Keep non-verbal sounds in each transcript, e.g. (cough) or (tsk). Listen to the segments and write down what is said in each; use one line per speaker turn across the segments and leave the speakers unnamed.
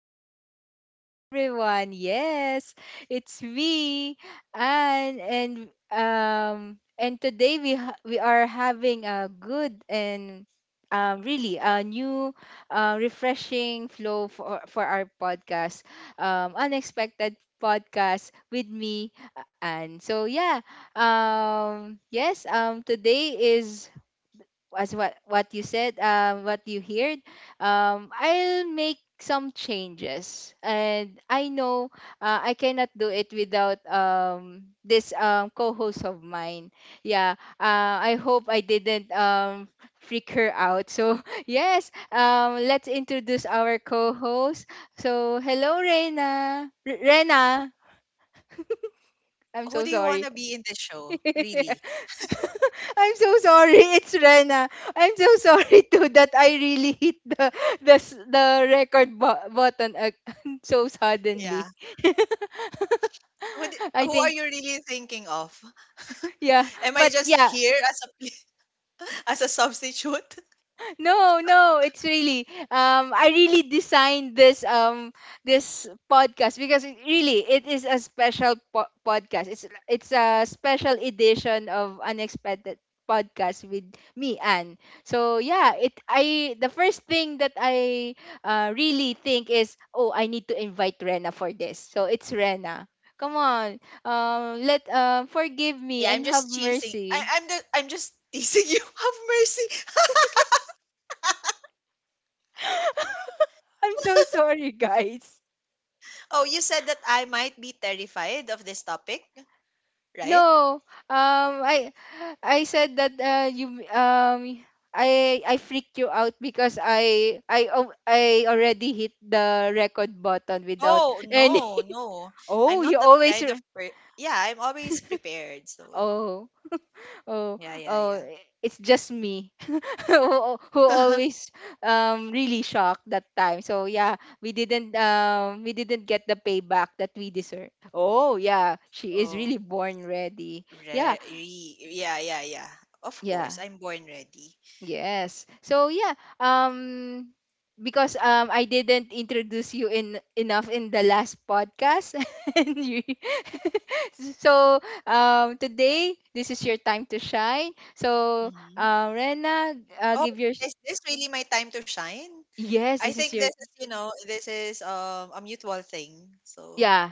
evening to everyone. Yes, it's me, Anne, and today we are having a good and really a new, refreshing flow for our podcast, unexpected podcast with me, Anne. So yeah, yes, today is as what you said, what you heard. Um, I'll make some changes, and I know I cannot do it without this co-host of mine. Yeah, I hope I didn't freak her out, so (laughs) yes, let's introduce our co-host. So hello, Rena. Rena, I'm
Who
so
do you
sorry.
wanna be in the show, really?
(laughs) I'm so sorry. It's Rena. I'm so (laughs) sorry too that I really hit the record button, (laughs) so suddenly.
Yeah. Who d
(laughs) I
who are
think.
you really thinking of? (laughs)
Yeah,
Am I
but
just
yeah,
here as a pl (laughs) as a substitute?
no, no, it's really, I really designed this, this podcast, because really it is a special podcast. It's a special edition of unexpected podcast with me, Anne. So yeah, it I the first thing that I, really think is, oh, I need to invite Rena for this. So it's Rena. Come on. Let forgive me
Yeah, I'm
and have
just teasing. I
mercy.
I'm the I'm just teasing you. (laughs) Have mercy. (laughs)
(laughs) I'm so sorry, guys.
Oh, you said that I might be terrified of this topic, right?
No, I said that, you I freaked you out because I already hit the record button without
Oh,
any.
no,
(laughs)
no. I'm
Oh,
not that kind of per Yeah, I'm always prepared, so
Oh, oh,
yeah, yeah,
oh,
yeah.
it's just me, (laughs) who always, really shocked that time. So yeah, we didn't get the payback that we deserve. Oh yeah,
(laughs)
she is
Oh,
really born ready. Yeah,
re re yeah, yeah, yeah. Of
yeah.
course, I'm born ready.
Yes. So yeah, um because I didn't introduce you in enough in the last podcast. (laughs) and you (laughs) So, today this is your time to shine. So,
Mhm.
Rena,
Oh,
give your.
is this really my time to shine?
Yes,
I
this is
think
your.
this is a mutual thing. So,
Yeah.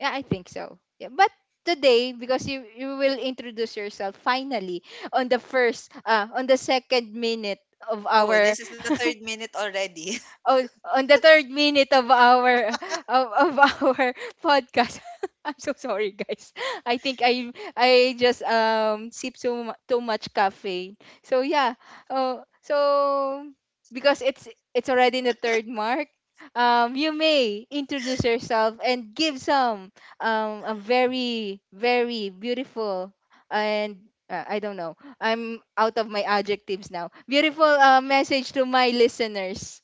Yeah, I think so. Yeah, but today, because you will introduce yourself finally on the first, on the second minute of
oh,
our.
this is the third
(laughs)
minute already. (laughs)
on, on, the third minute of our, of (laughs) our podcast. (laughs) I'm so sorry, guys. I think I just, sip too too much caffeine. So yeah. Oh, so, because it's already the third mark. You may introduce yourself and give some a very, very beautiful and, I don't know. I'm out of my adjectives now. Beautiful, message to my listeners.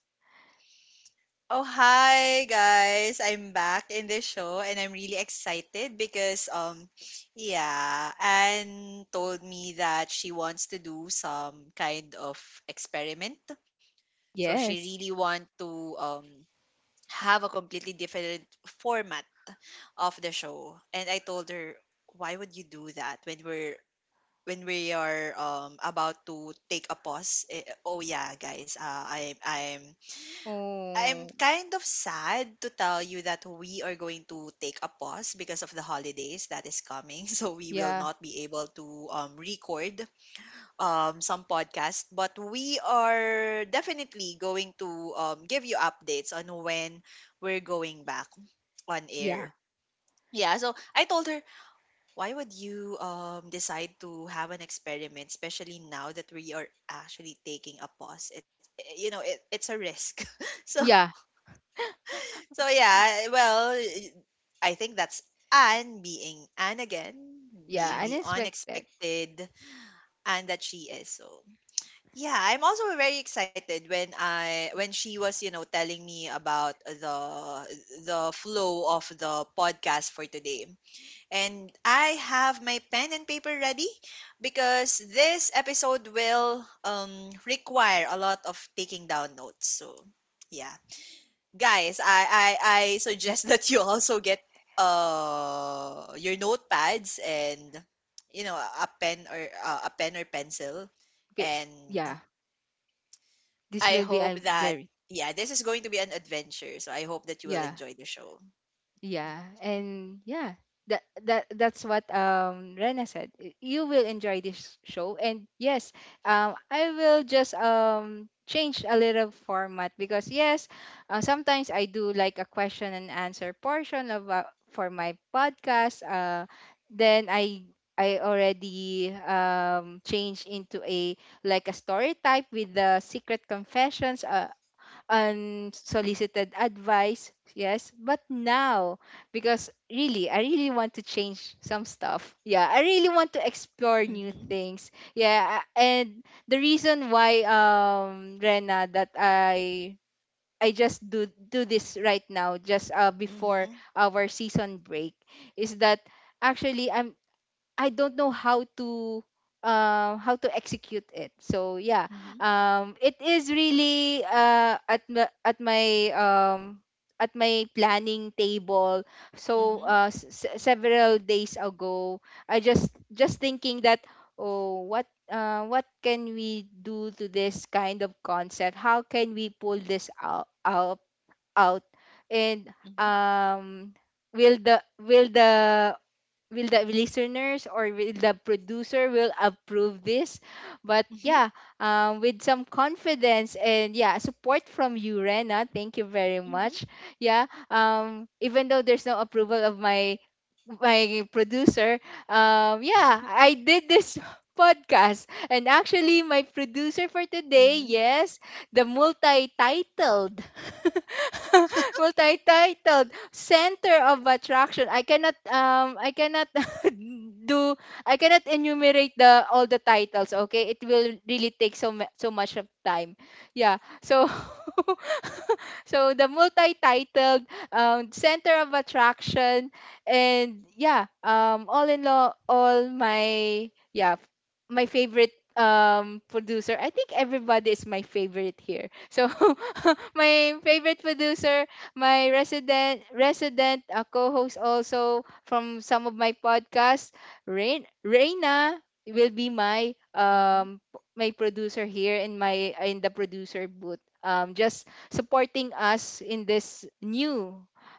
Oh, hi guys. I'm back in this show and I'm really excited because yeah, Anne told me that she wants to do some kind of experiment. So she
Yes.
really want to have a completely different format of the show, and I told her, why would you do that when we are about to take a pause? Oh yeah guys, I'm
Oh,
kind of sad to tell you that we are going to take a pause because of the holidays that is coming. (laughs) So we will
yeah,
not be able to record some podcasts, but we are definitely going to give you updates on when we're going back on
yeah,
air. Yeah, so I told her, why would you decide to have an experiment, especially now that we are actually taking a pause? It's, it's a risk. (laughs) So
yeah,
yeah. Well, I think that's Anne being Anne again,
yeah.
being the
Unexpected.
unexpected Anne that she is. So yeah, I'm also very excited when I when she was telling me about the flow of the podcast for today. And I have my pen and paper ready, because this episode will require a lot of taking down notes. So, yeah. Guys, I, I,
Y-
I suggest (laughs) that you also get your notepads and, you know, a pen or pencil.
bi-
And
Yeah, this will
I
be a
hope that,
very,
yeah, this is going to be an adventure. So I hope that you will
yeah.
enjoy the show.
Yeah, and yeah, that's what, Rena said. You will enjoy this show, and yes, I will just, change a little format, because yes, sometimes I do like a question and answer portion, of for my podcast. Then I already, changed into a, like a story type with the secret confessions. Unsolicited advice, yes, but now, because really, I really want to change some stuff. Yeah, I really want to explore new
Mm-hmm.
things. Yeah, and the reason why, Rena, that I just do this right now, just before
Mm-hmm.
our season break, is that, actually, I don't know how to, how to execute it. So yeah,
Mm-hmm.
it is really, at um, my planning table.
Mm-hmm.
So,
Mm-hmm.
several days ago, I just thinking that, oh, what can we do to this kind of concept? How can we pull this out, out and, um will the will the will the listeners or will the producer will approve this? But
Mm-hmm.
yeah, with some confidence and, yeah, support from you, Rena, thank you very
Mm-hmm.
much. Yeah, even though there's no approval of my producer, yeah, I did this (laughs) podcast. And, actually, my producer for today,
Mhm.
yes, the multi-titled (laughs) multi-titled center of attraction. I cannot (laughs) do I cannot enumerate the all the titles, okay? It will really take so much of time. Yeah. So, (laughs) so, the multi-titled, center of attraction, and, yeah, all in all, all my, yeah, my favorite, producer. I think everybody is my favorite here. So (laughs) my favorite producer, my resident co-host also, from some of my podcasts. Rain Reina will be my,
Mhm.
my producer here, in my in the producer booth. Just supporting us in this new,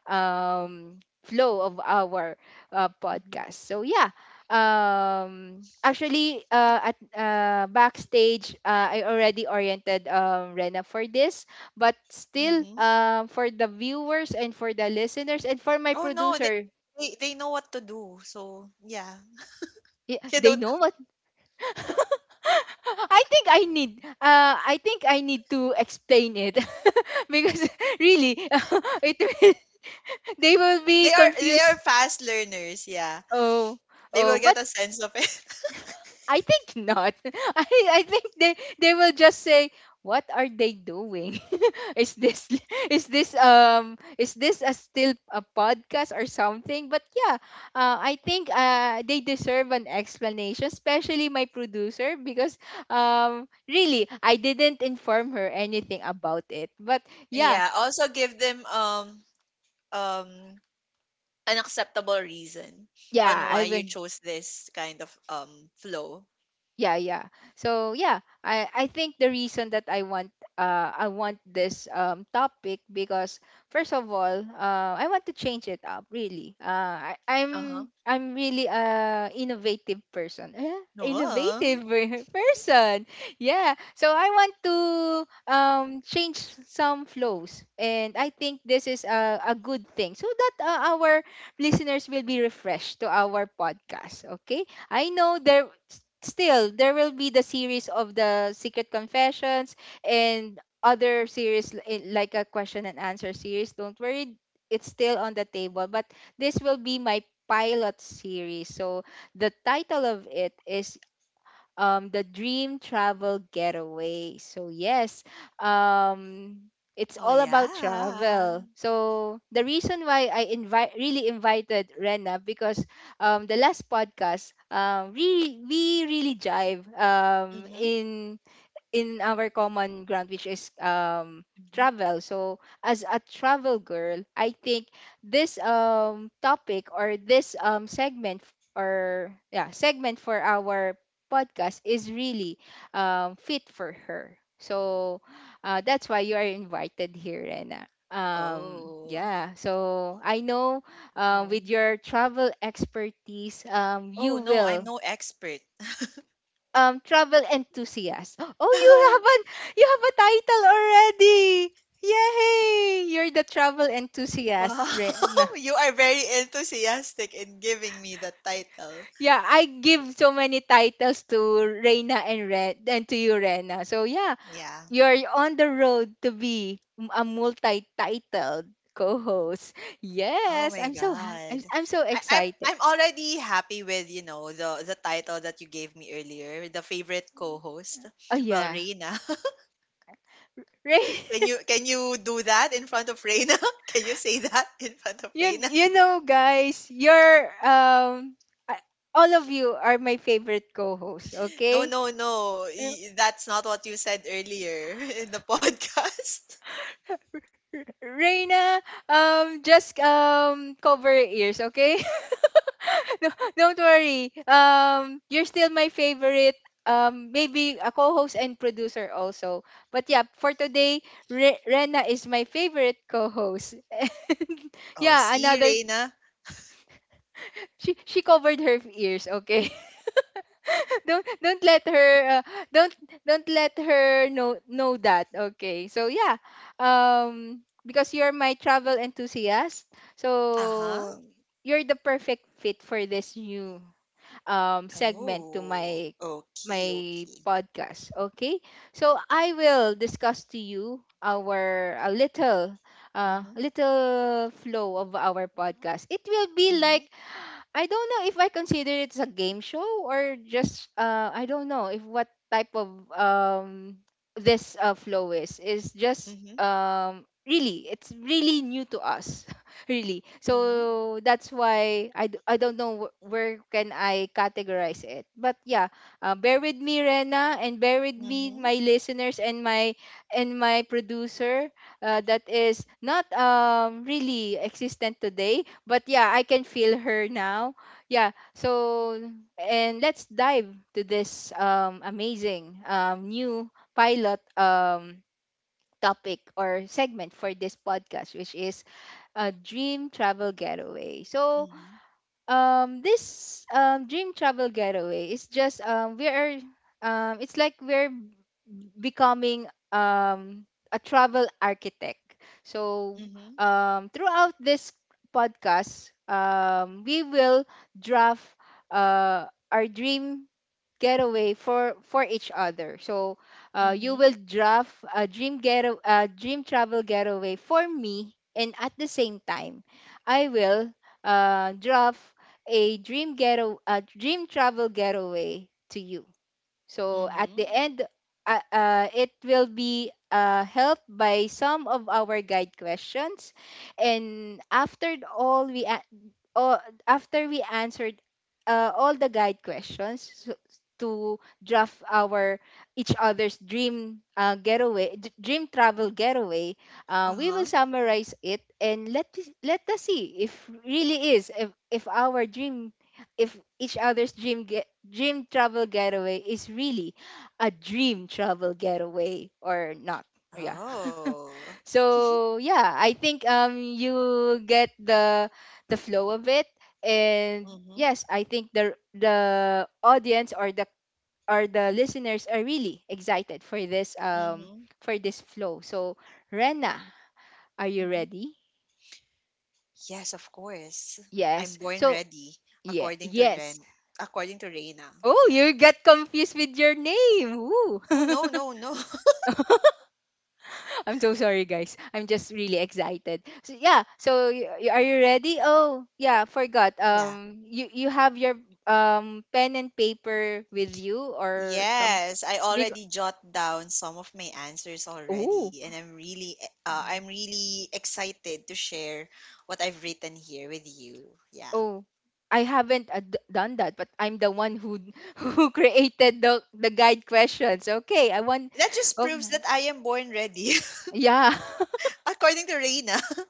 um flow of our,
Mhm.
podcast. So yeah, actually, at, backstage, I already oriented, Rena for this, but still,
Mhm.
for the viewers and for the listeners and for my
Oh no, they,
producer.
they they know what to do. So yeah, (laughs) you
They
don't.
know what. (laughs) I think I need I think I need to explain it, (laughs) because, really, (laughs) it will, they will be
They are
confused.
fast learners. Yeah,
Oh,
they
oh,
will
but
get a sense of it. (laughs)
I think not. (laughs) I I think they will just say, "What are they doing? (laughs) is this (laughs) is this a still a podcast or something?" But yeah, I think, they deserve an explanation, especially my producer, because, really, I didn't inform her anything about it. But, yeah.
Yeah. Also give them um an acceptable reason on
Yeah,
why
I
you
will.
chose this kind of flow.
Yeah, yeah. So yeah, I think the reason that I want this, topic, because, first of all, I want to change it up. Really, I,
Uh-huh.
I'm really a innovative person.
No. Oh.
Innovative, (laughs) person. Yeah, so I want to, change some flows, and I think this is a good thing, so that, our listeners will be refreshed to our podcast. Okay, I know there still there will be the series of the secret confessions, and other series, like a question and answer series, don't worry. It's still on the table, but this will be my pilot series. So the title of it is, the dream travel getaway. So, yes, um, it's
Oh,
all about
yeah.
travel. So the reason why I invite really invited Rena, because, the last podcast, we really jive,
Mhm.
in our common ground, which is,
Mhm.
travel. So, as a travel girl, I think this, topic, or this, segment, or, yeah, segment for our podcast, is really, fit for her. So, that's why you are invited here, Rena. Um,
Oh.
yeah, so I know,
Oh.
with your travel expertise,
Oh
you
no, I'm
will.
no expert.
Um, travel enthusiast. Oh,
(laughs)
you have a title already. Yay! You're the travel enthusiast,
Wow,
Rena.
(laughs) you are very enthusiastic in giving me the title.
Yeah, I give so many titles to Reina and Red, and to you, Rena. So yeah,
Yeah.
you're on the road to be, a multi-titled co-host.
Oh
Yes,
my
I'm so ha- I'm,
God.
I'm so
I, I'm
excited.
I'm already happy with, the title that you gave me earlier, the favorite co-host.
Oh
Well,
yeah.
Reina.
(laughs)
(laughs)
Right?
Can you do that in front of Reina? (laughs) Can you say that in front of
You
Reina?
you know, guys, you're, I- all of you are my favorite co-hosts,
No,
okay?
no, no.
Uh,
That's not what you said earlier (laughs) in the podcast. (laughs)
Reina, just, cover your ears, okay? (laughs) No, don't worry. You're still my favorite. Maybe a co-host and producer also. But yeah, for today, Rena is my favorite co-host. (laughs) And,
Oh,
yeah,
see,
another.
Reina.
She covered her ears. Okay, don't let her, don't don't let her know that, okay? So yeah, um because you're my travel enthusiast,
Uh-huh.
so you're the perfect fit for this new, segment to
Oh,
my
okay,
my
okay.
podcast. Okay, so I will discuss to you our, a little uh,
Mhm,
little flow of our podcast. It will be like,
mhm,
I don't know if I consider it's a game show, or just, I don't know if what type of, this, flow is just,
mhm,
really it's really new to us, (laughs) really,
mhm,
so that's why I don't know where can I categorize it. But yeah, bear with me, Rena, and bear with me,
mhm,
my listeners, and my producer, that is not, really existent today, but yeah, I can feel her now. Yeah. So, and let's dive to this, amazing, new pilot, topic or segment for this podcast, which is a dream travel getaway. So,
mhm,
this, dream travel getaway is just, we are it's like we're, becoming, a travel architect. So,
mhm,
throughout this podcast, we will draft, uh our dream getaway for each other. So, you will
mhm,
draft a dream get a dream travel getaway for me, and, at the same time, I will, draft a dream get a dream travel getaway to you. So at the
mhm.
end, it will be helped by some of our guide questions, and after all, uh, after we answered all the guide questions to draft our each other's dream getaway, dream travel getaway, we
Uh-huh.
will summarize it and let us see if really is if our dream if each other's dream travel getaway is really a dream travel getaway or not. Yeah. (laughs)
Oh.
So yeah, I think you get the flow of it, and
Mhm,
yes, I think the audience or the listeners are really excited
mhm,
for this flow. So Rena, are you
mhm.
ready?
Yes, of course. I'm
Yes.
born
So
ready,
yeah,
according to
yes.
Ren, according to Reina.
Oh,
Yeah.
you get confused with your name. Ooh.
Oh
(laughs)
no, no, no. (laughs)
I'm so sorry, guys. I'm just really excited. So yeah. So are you ready? Oh yeah, forgot.
Yeah.
You have your pen and paper with you or some
Yes, I
big.
already jot down some of my answers
Oh
already, and I'm really excited to share what I've written here with you. Yeah.
oh, I haven't done that, but I'm the one who (laughs) who created the guide questions. Okay, I want.
That just proves
Okay,
that I am born ready, (laughs)
yeah. (laughs)
according to Reina. (laughs)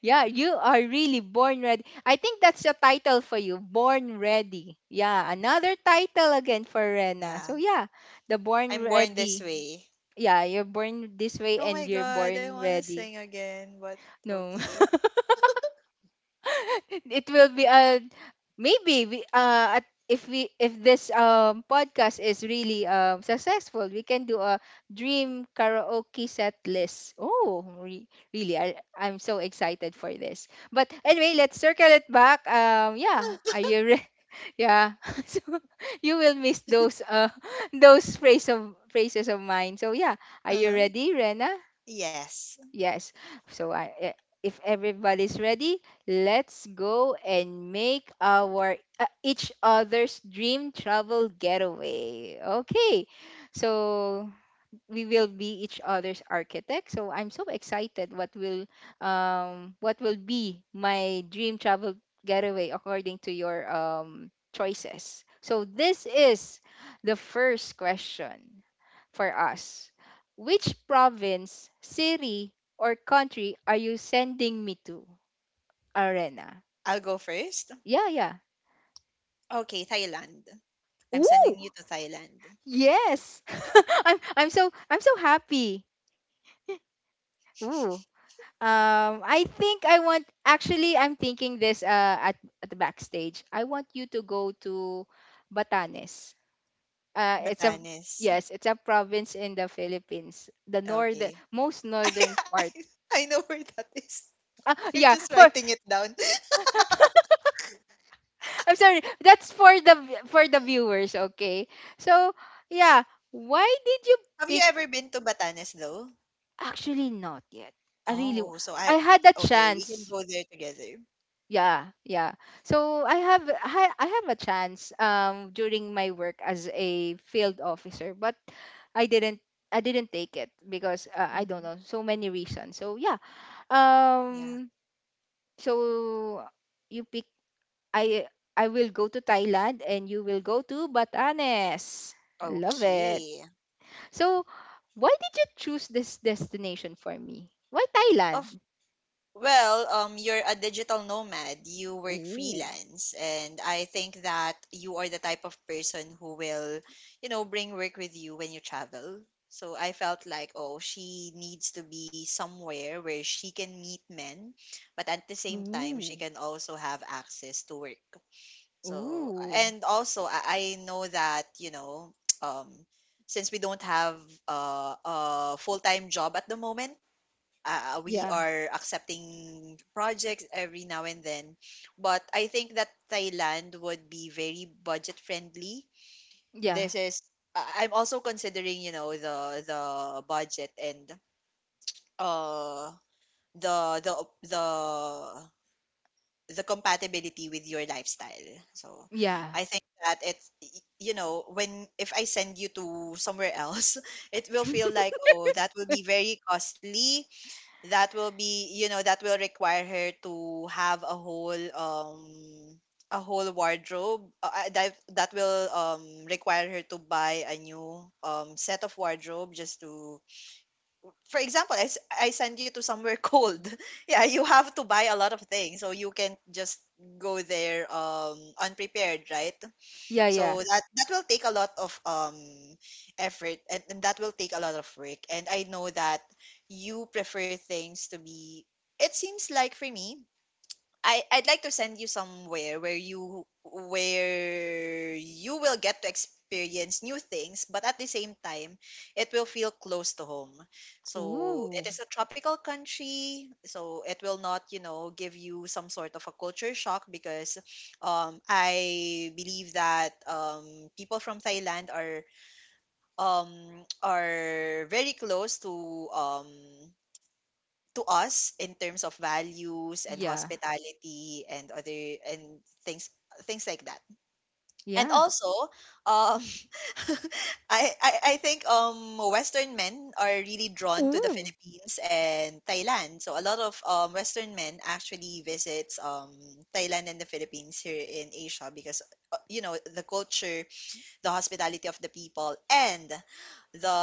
Yeah, you are really born ready. I think that's the title for you, Born Ready. Yeah, another title again for Rena.
Yeah,
So yeah, the Born
I'm born this
Ready.
way.
Yeah, you're born this way
Oh
and
my
you're
god, I
born
want to
ready.
sing again, but
No. (laughs)
okay.
(laughs) It will be a maybe if we if this podcast is really successful, we can do a dream karaoke set list. Oh, really, I'm so excited for this, but anyway, let's circle it back. Yeah, are you (laughs) yeah, (laughs) so you will miss those
(laughs)
(laughs) those phrase of phrases of mine. So yeah, are you
Uh-huh.
ready, Rena?
Yes,
Yes. So if everybody's ready, let's go and make our each other's dream travel getaway. Okay. So we will be each other's architect. So I'm so excited what will be my dream travel getaway according to your choices. So this is the first question for us. Which province, city, or country are you sending me to, Arena?
I'll go first.
Yeah, yeah.
Okay, Thailand. I'm
Ooh,
sending you to Thailand.
yes. (laughs) I'm so happy. Ooh. I think I want, actually I'm thinking this at the backstage. I want you to go to Batanes. It's a
Batanes.
yes, it's a province in the Philippines, the northern
Okay.
most
(laughs) I
northern
I
part.
I know where that is.
Ah,
I'm
yeah,
just
for
writing it down. (laughs)
I'm sorry. That's for the viewers, okay? So, yeah, why did you
Have you
pick
ever been to Batanes though?
actually not yet? I really w-
Oh, so I
I had a
Okay, we can
chance.
go there together.
Yeah, yeah. So, I have a chance during my work as a field officer, but I didn't I didn't take it because I don't
Hmm.
know, so many reasons. So, yeah.
Yeah.
Um so you pick I I will go to Thailand and you will go to Batanes. Love it.
Okay.
So, why did you choose this destination for me? Why
Of
Thailand?
Well, you're a digital nomad. You work
Ooh.
freelance, and I think that you are the type of person who will, bring work with you when you travel. So I felt like, oh, she needs to be somewhere where she can meet men, but at the same time, she
Ooh.
can also have access to work. So,
Ooh.
and also, I know that, (tsk) um, since we don't have a full time job at the moment. We
Yeah.
are accepting projects every now and then. But I think that Thailand would be very budget friendly.
Yeah.
This is, I'm also considering, you know, the budget and uh the the the the compatibility with your lifestyle. So
Yeah.
I think that it's, you know, when if I send you to somewhere else, (laughs) it will feel like, oh, that will be very costly. That will be, that will require her to have a whole wardrobe. That will require her to buy a new set of wardrobe, just to, for example, I send you to somewhere (laughs) cold. Yeah, you have to buy a lot of things, so you can just go there unprepared, right?
Yeah,
So
yeah.
that that will take a lot of effort, and that will take a lot of work. And I know that you prefer things to be, it seems like for me, I'd like to send you somewhere where you will get to experience new things, but at the same time, it will feel close to home. So it
Ooh.
is a tropical country, so it will not, you know, give you some sort of a culture shock, because I believe that people from Thailand are, um, are very close to, um, to us in terms of values and
Yeah.
hospitality and other and things like that. And
Yeah.
also, um, (laughs) I think Western men are really drawn to the
Ooh.
Philippines and Thailand. So a lot of Western men actually visits Thailand and the Philippines here in Asia, because the culture, the hospitality of the people, and the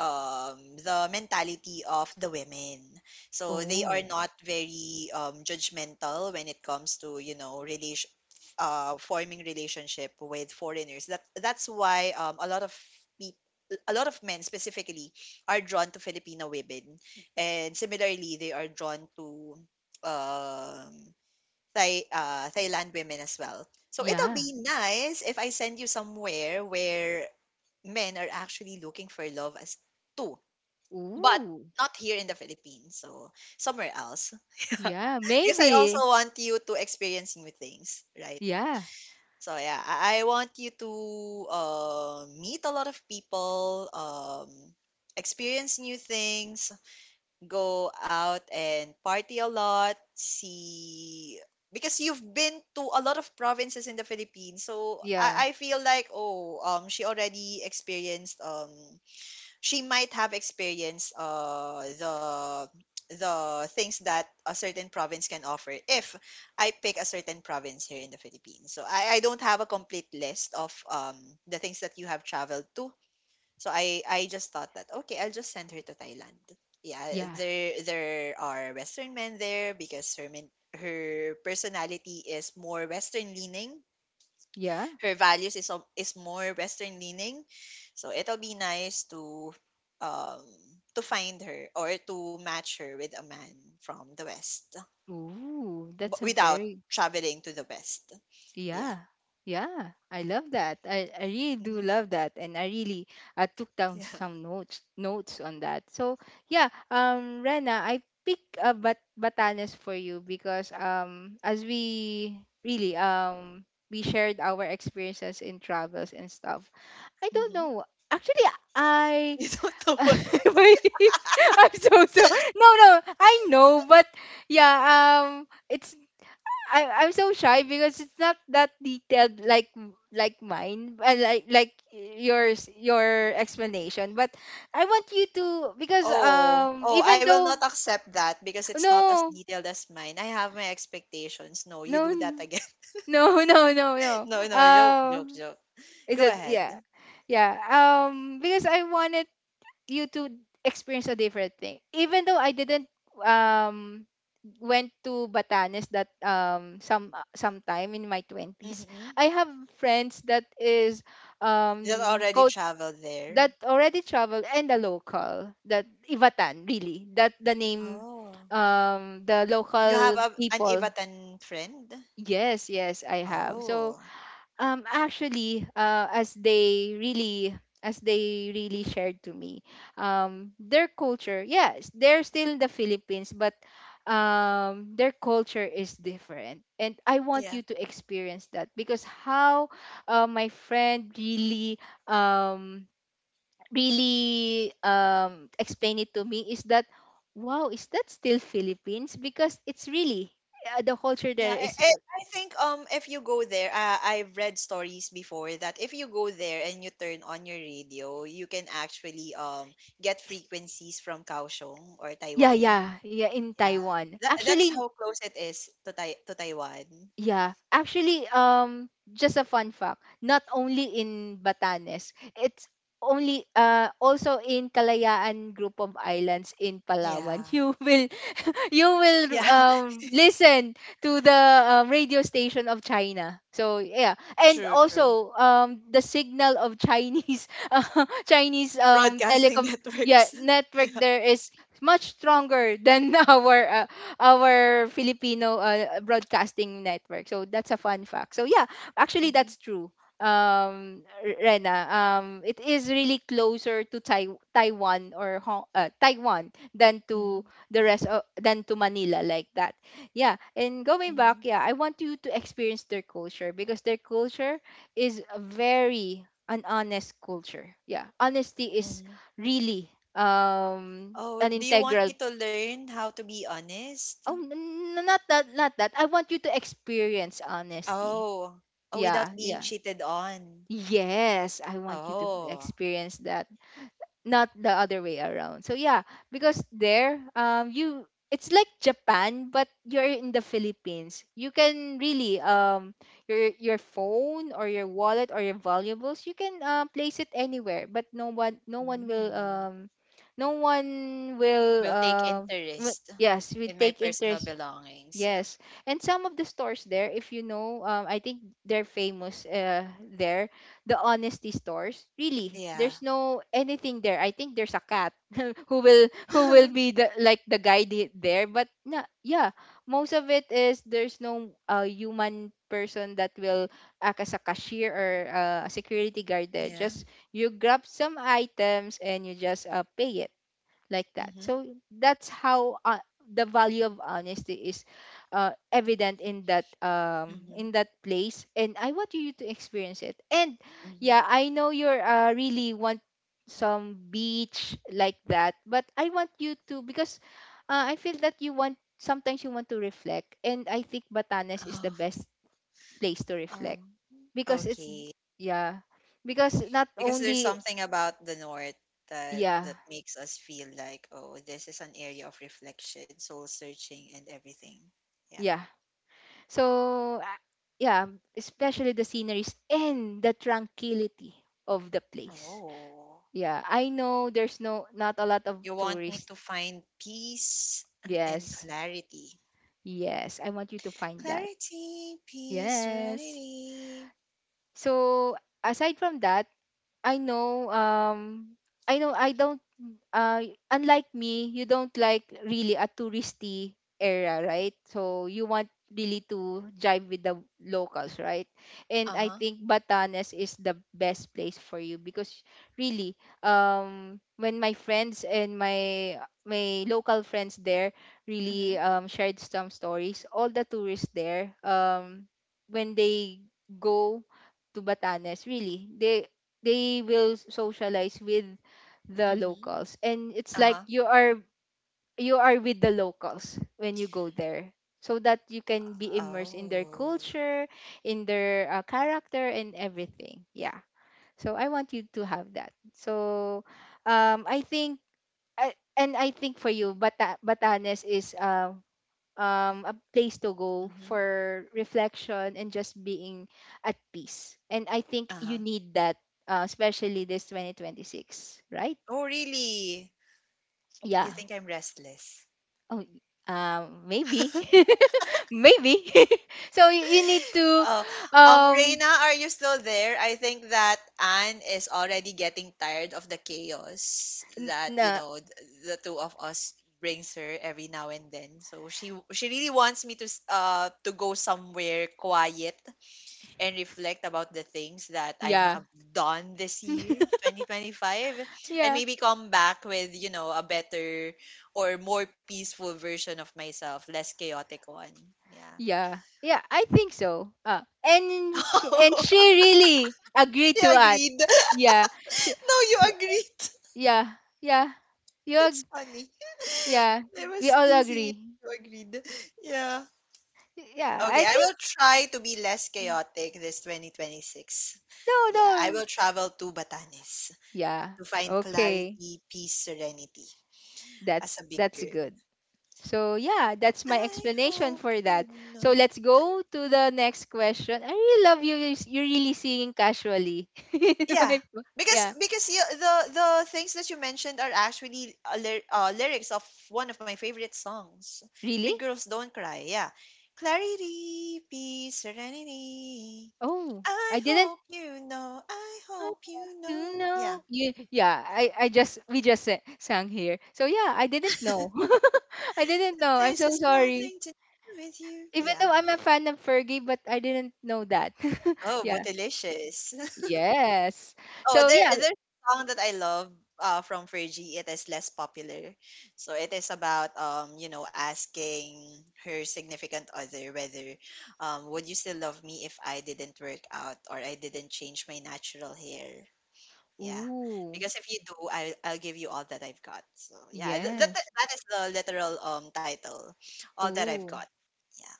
mentality of the women, so they are
Oh.
not very judgmental when it comes to, you know, relation forming relationship with foreigners. That's why a lot of people, a lot of men specifically, are drawn to Filipino women, and similarly they are drawn to um Thailand women as well. So it'll
Yeah.
be nice if I send you somewhere where men are actually looking for love as too, but
Ooh.
not here in the Philippines. So somewhere else,
Yeah,
(laughs) because I also
maybe.
want you to experience new things, right?
Yeah.
So yeah, I want you to meet a lot of people, experience new things, go out and party a lot, see, because you've been to a lot of provinces in the Philippines. So
Yeah.
I feel like, oh, she already experienced, she might have experienced, the things that a certain province can offer if I pick a certain province here in the Philippines. So I don't have a complete list of the things that you have traveled to, so I just thought that, okay, I'll just send her to Thailand. Yeah,
Yeah.
there are Western men there, because her personality is more Western leaning.
Yeah.
Her values is is more Western leaning. So it'll be nice to um find her or to match her with a man from the West,
Ooh,
but
that's a
without
very
traveling to the West. Yeah.
yeah. Yeah. I love that. I really do
Mhm.
love that. And I really I took down
Yeah.
some notes notes on that. So yeah, Rena, I pick Batanes for you because as we really we shared our experiences in travels and stuff. I don't
Hmm.
know. Actually,
(laughs)
I
You don't know
(laughs)
why.
I'm so so no no I know but yeah it's I'm so shy because it's not that detailed like mine, like yours, your explanation, but I want you to because
Oh, oh, I
even
will
though
not accept that because it's not as
no
detailed as mine. I have my expectations. No, you
no
do that
n-
again. (laughs)
no (laughs) no no no
No, no, joke, joke,
um
joke.
it's
Go
a yeah
ahead.
yeah because I wanted you to experience a different thing. Even though I didn't um went to Batanes, that some sometime in my 20s,
Mm-hmm.
I have friends that is
You
um
already
co-
traveled
that
there.
already traveled, and the local that Ivatan really that the name
Oh,
the
you have
local
an
people.
Ivatan friend?
Yes, yes, I have. So
Oh,
actually, as they really shared to me, their culture, yes, they're still in the Philippines, but their culture is different, and I want
yeah.
you to experience that because how my friend really um, explained it to me is that wow, is that still Philippines? Because it's really the culture
Yeah,
there
I,
is
I I think if you go there, I've read stories before that if you go there and you turn on your radio, you can actually get frequencies from Kaohsiung or
yeah,
Taiwan.
yeah, yeah, in
Yeah.
Taiwan.
That, that's how
Actually,
close it is to to Taiwan.
yeah, actually, just a fun fact. Not only in Batanes, it's only also in Kalayaan group of islands in Palawan. (laughs)
Yeah.
You will (laughs) you will
Yeah. (laughs)
listen to the radio station of China. So yeah, and
True, true.
also the signal of Chinese (laughs) Chinese
Broadcasting
telecom
(laughs)
yeah
networks.
network there is much stronger than (laughs) our Filipino broadcasting network. So that's a fun fact. So yeah, actually
Mhm,
that's true. Rena, it is really closer to Taiwan or Taiwan than to
mhm,
the rest of than to Manila, like that. Yeah, and going back,
mhm,
yeah, I want you to experience their culture because their culture is very an honest culture. Yeah, honesty is
mhm.
really
Oh,
an
do you want
integral
me to learn how to be honest?
Not that, not that. I want you to experience honesty.
Oh, oh,
Yeah,
without being
yeah.
cheated on.
Yes, I want you to
Oh.
experience that, not the other way around. So yeah, because there, you it's like Japan, but you're in the Philippines. You can really your phone or your wallet or your valuables, you can place it anywhere, but no one will
Mm.
no one will
Will take
uh,
interest
yes,
in
will
my
take
personal
interest.
belongings. Yeah,
Yes. And some of the stores there, if you know, I think they're famous there, the honesty stores. Really,
yeah,
there's no anything there. I think there's a cat (laughs) who will
(laughs)
be the like the guide there, but na yeah, most of it is there's no human person that will act as a cashier or a security guard there.
yeah.
Just you grab some items and you just pay it like that.
Mm-hmm.
So that's how the value of honesty is evident
Mm-hmm.
in that place, and I want you to experience it. And
Mm-hmm.
yeah, I know you're really want some beach like that, but I want you to because I feel that you want sometimes you want to reflect, and I think Batanes is the
Oh,
best place to
oh,
reflect because it's
okay.
yeah because not
Because there's
only
something about the North that
yeah
that makes us feel like, oh, this is an area of reflection, soul searching, and everything. Yeah.
yeah. So, yeah, especially the sceneries and the tranquility of the place.
Oh,
Yeah, I know there's no not a lot of
you want me
tourists.
to find peace and
Yes.
clarity.
Yes, I want you to find that.
Clarity, peace,
Yes.
serenity.
So, aside from that, I know I don't uh, unlike me, you don't like really a touristy area, right? So you want really to jive with the locals, right? And
Uh
I
huh.
think Batanes is the best place for you because really, when my friends and my local friends there
Mhm.
really shared some stories, all the tourists there, when they go to Batanes, really, they will socialize with the
Mhm.
locals, and it's
Uh
like
huh.
you are with the locals when you go there so that you can be immersed in their
Oh.
culture, in their character and everything. Yeah, so I want you to have that. So I think and I think for you Batanes is a place to go
Mhm.
for reflection and just being at peace, and I think
Uh
you
huh.
need that, especially this 2026, right?
Oh, really?
Yeah.
You think I'm restless?
Oh, maybe, (laughs) maybe. (laughs) So you need to,
Oh,
um,
Reina, are you still there? I think that Anne is already getting tired of the chaos that,
nah,
the two of us brings her every now and then. So she really wants me to to go somewhere quiet and reflect about the things that I've
yeah,
done this year, 2025, and
yeah,
maybe come back with, you know, a better or more peaceful version of myself, less chaotic one. Yeah.
yeah, yeah. I think so. And she
(laughs)
really agreed to
Yeah,
that.
agreed.
Yeah, she,
No, you
so,
agreed. (laughs)
yeah, yeah. You, ag-
It's funny.
yeah,
(laughs) I
we
was
all
teasing you.
agree.
You agreed. Yeah.
Yeah, I
Okay, I will
think
try to be less chaotic this 2026.
no,
Yeah, I
no.
will travel to Batanes
Yeah,
to find
okay.
clarity, peace, serenity
That
as a big
that's
girl.
good. So yeah, that's my
I
explanation
hope
for
you
that. So
know.
let's go to the next question. I really love you. You're really singing casually. (laughs)
Yeah, because
Yeah,
because you, the things that you mentioned are actually lyrics of one of my favorite songs,
really?
"Big Girls Don't Cry." Yeah, clarity, peace, serenity.
Oh, I
I
didn't.
hope you know. I
Oh,
hope you
you
know. Yeah,
know, you, yeah. I just we just sang here. So yeah, I didn't know. (laughs) I didn't
that
know. I'm
this has
so sorry.
nothing to do with you.
Even
Yeah.
though I'm a fan of Fergie, but I didn't know that. (laughs)
Oh, but
yeah.
delicious.
Yes.
Oh,
So
there
yeah.
there's a song that I love from Fergie. It is less popular. So it is about you know, asking her significant other whether would you still love me if I didn't work out or I didn't change my natural hair? Yeah.
Ooh.
Because if you do, I'll give you all that I've got. So yeah, th- that
Yes.
that is the literal title. All that I've
Ooh.
got. Yeah.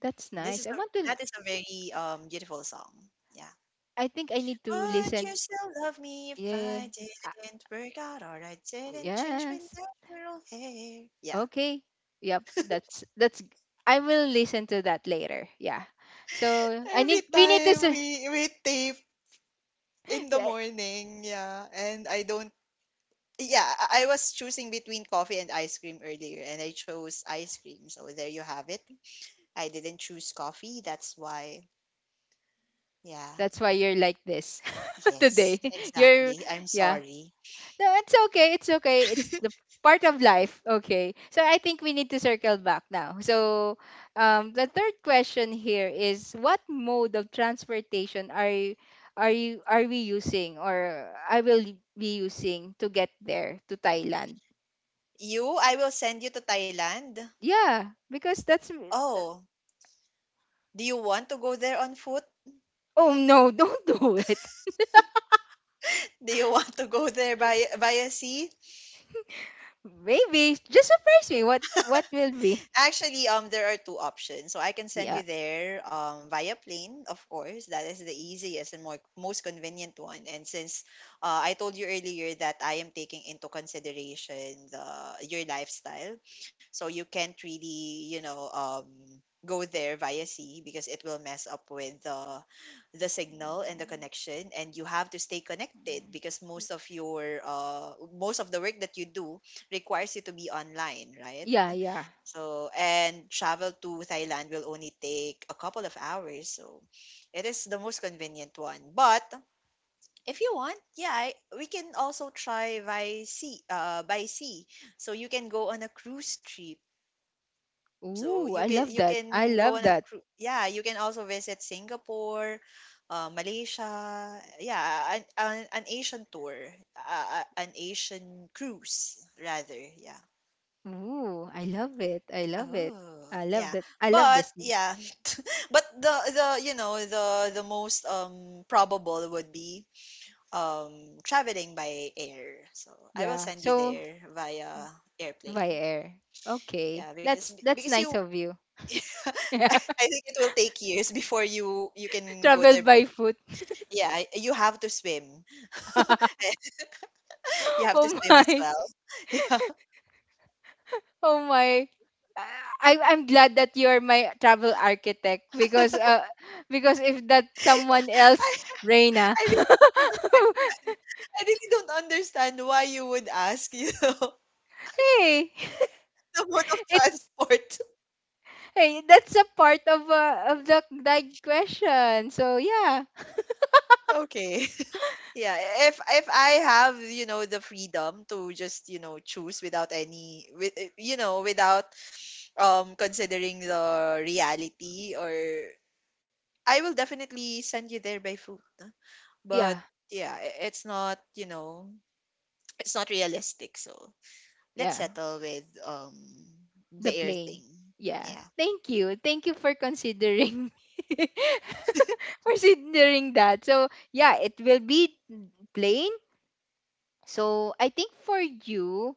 That's
This
nice.
is
I
a
want to.
that is a very beautiful song. Yeah.
I think I need to
Would
listen.
you still love me if
Yeah.
I
Ah,
didn't work out or I didn't change my
yes.
natural hair? Yeah.
Okay. Yep. That's that's. I will listen to that later. Yeah. So I
Every
need. We need to.
time we tape in the morning, yeah. And I don't yeah, I was choosing between coffee and ice cream earlier, and I chose ice cream. So there you have it. I didn't choose coffee. That's why. Yeah.
(laughs) That's why you're like this (laughs)
Yes,
today. You're.
exactly. I'm
Yeah.
sorry.
No, it's okay. It's okay. It's the part of life. Okay. So I think we need to circle back now. So the third question here is what mode of transportation are you are we using or I will be using to get there to Thailand?
You, I will send you to Thailand.
Yeah, because that-
Oh, do you want to go there on foot?
Oh no, (laughs) don't do it.
(laughs) Do you want to go there by via sea?
Maybe just surprise me. What will be?
Actually, there are two options. So I can send
Yeah.
you there via plane, of course. That is the easiest and most convenient one. And since I told you earlier that I am taking into consideration your lifestyle, so you can't really, you know, go there via sea because it will mess up with the signal and the connection. And you have to stay connected because most of the work that you do requires you to be online, right?
Yeah, yeah.
So, and travel to Thailand will only take a couple of hours. So, it is the most convenient one. But if you want, yeah, I, we can also try by sea, by sea. So you can go on a cruise trip. So
Ooh,
you
I
can
love
you
that. I
can go
love
on a
that.
cruise. Yeah, you can also visit Singapore, Malaysia. Yeah, an Asian tour, an Asian cruise rather. Yeah.
Ooh, I love it. I love it.
Oh,
I love
yeah.
that. I love the
But
sea.
yeah, but the you know the most probable would be traveling by air. So I will
Yeah.
send you
So
there via
by
airplane.
air. Okay.
Yeah, because
That's
because you
nice of you. (laughs) Yeah.
(laughs) I think it will take years before you can go
Travel
there.
by foot.
Yeah, you have to swim. (laughs)
(laughs)
You have to
oh
swim as
my.
well. (laughs) Yeah.
Oh my. I'm glad that you are my travel architect because if that someone
(laughs) I
else Reina.
I really don't understand.
(laughs)
I really don't understand why you would ask, you know, (laughs)
Hey,
the mode of
(laughs) it's
transport.
hey that's a part of the like question, so
(laughs) Okay. Yeah, if I have, you know, the freedom to just, you know, choose without any with eh, you know, without considering the reality, or I will definitely send you there by foot. Huh?
yeah
But yeah, it's not, you know, it's not realistic. So let's
yeah.
settle with the
The
air
plane.
thing.
Yeah.
Yeah.
Thank you. Thank you for considering (laughs) me. (laughs) For considering that. So yeah, it will be plane. So, I think for you,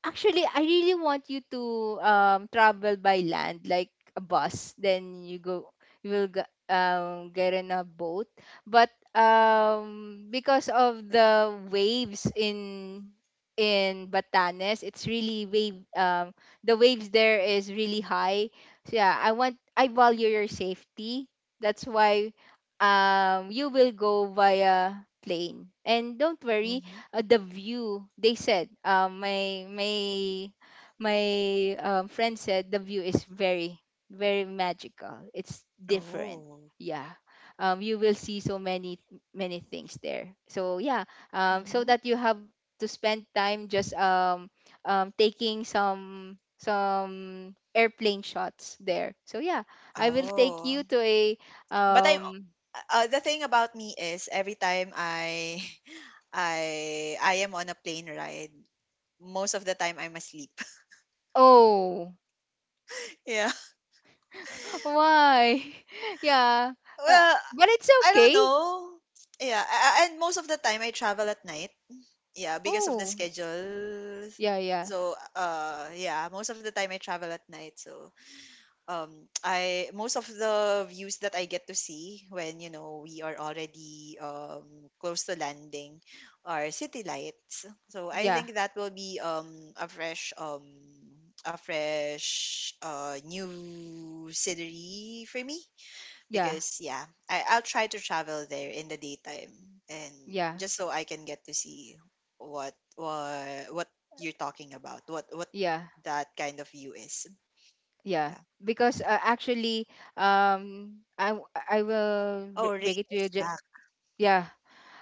actually, I really want you to travel by land, like a bus. Then you go, you will get in a boat. But because of the waves in Batanes, it's really wave. The waves there is really high. So yeah, I value your safety. That's why you will go via plane. And don't worry,
Mhm.
the view, they said, my my my friend said the view is very magical. It's different.
Oh.
Yeah, you will see so many things there. So yeah, so
Mhm.
that you have to spend time just taking some airplane shots there. So yeah, I will take you
Oh.
to a
But I'm
um,
the thing about me is every time I (laughs) I am on a plane ride, most of the time I'm asleep.
oh.
(laughs) Yeah.
Why? (laughs) Yeah. Uh,
Well,
but it's
I don't
okay.
know. Yeah, and most of the time I travel at night. Yeah, because of the
Oh,
schedule.
yeah, yeah,
So, yeah, most of the time I travel at night. So, um (tsk) I most of the views that I get to see when you know we are already close to landing are city lights. So I
yeah,
think that will be a fresh new scenery for me
yeah,
because yeah I'll try to travel there in the daytime, and
yeah,
just so I can get to see what you're talking about, what
yeah,
that kind of view is.
yeah.
Yeah.
Because actually, I will
Oh, rain
break it to you.
is back.
Yeah,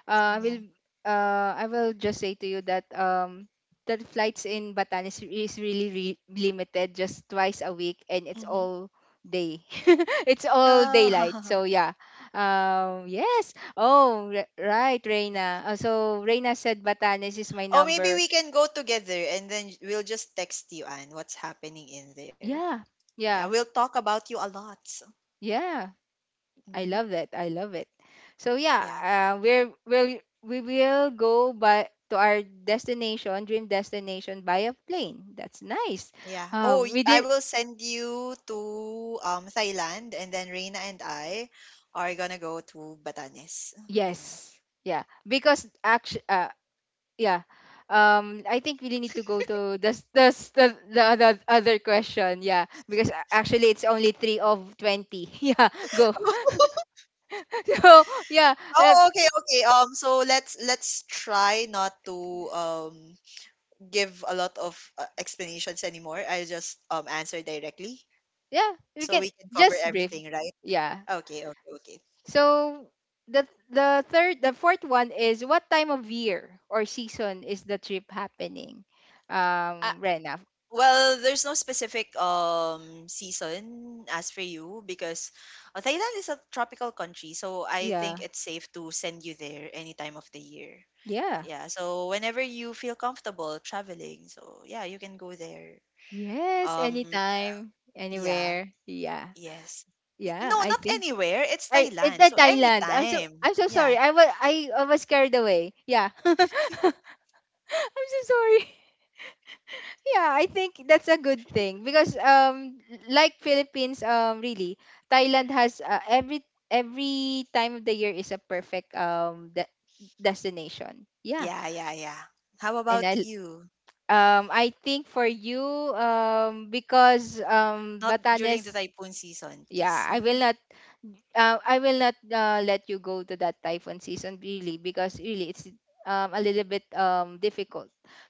uh, I will
Yeah.
I will just say to you that that flights in Batanes is really limited, just twice a week, and it's
Mm-hmm.
all day. (laughs) It's all daylight.
Oh.
So yeah. Yes. Oh, right, Reina. So Reina said Batanes is my
(laughs) Oh, maybe
number.
we can go together and then we'll just text you, Anne, what's happening in there.
Yeah.
Yeah,
Yeah.
we'll talk about you a lot.
Yeah. I
Mm-hmm.
love it. I love it. So yeah,
Yeah.
we will go by to our destination, dream destination, by a plane. That's nice.
Yeah. Oh,
We did
I will send you to Thailand, and then Reina and I are gonna go to Batanes. Yeah.
yes, yeah. Because actually, yeah. I think we need to go to the other question. Yeah, because actually it's only three of 20. (laughs) Yeah, go. (laughs)
(laughs)
So yeah, uh,
Oh, okay, okay. So let's try not to give a lot of explanations anymore. I'll just answer directly.
yeah. We
So
can
we can cover
just brief.
everything, right?
Yeah,
Okay, okay, okay.
so the fourth one is, what time of year or season is the trip happening?
Uh,
Rena.
well, there's no specific season as for you because Thailand is a tropical country, so I think
Yeah.
it's safe to send you there any time of the year.
Yeah.
Yeah, so whenever you feel comfortable traveling, so yeah, you can go there.
Yes,
Um,
anytime,
yeah,
anywhere. Yeah.
yes. No,
Yeah, I
not
think
anywhere. It's
I it
Thailand,
the
so
Thailand.
anytime.
I'm so
Yeah,
sorry. I was carried away. Yeah. (laughs) I'm so sorry. Yeah, I think that's a good thing because like Philippines really Thailand has every time of the year is a perfect destination. Yeah.
yeah, yeah, yeah. How
And
about you?
I think for you because
Not during the
Batanes,
typhoon season,
yeah,
please.
I will not let you go to that typhoon season, really, because really it's a little bit difficult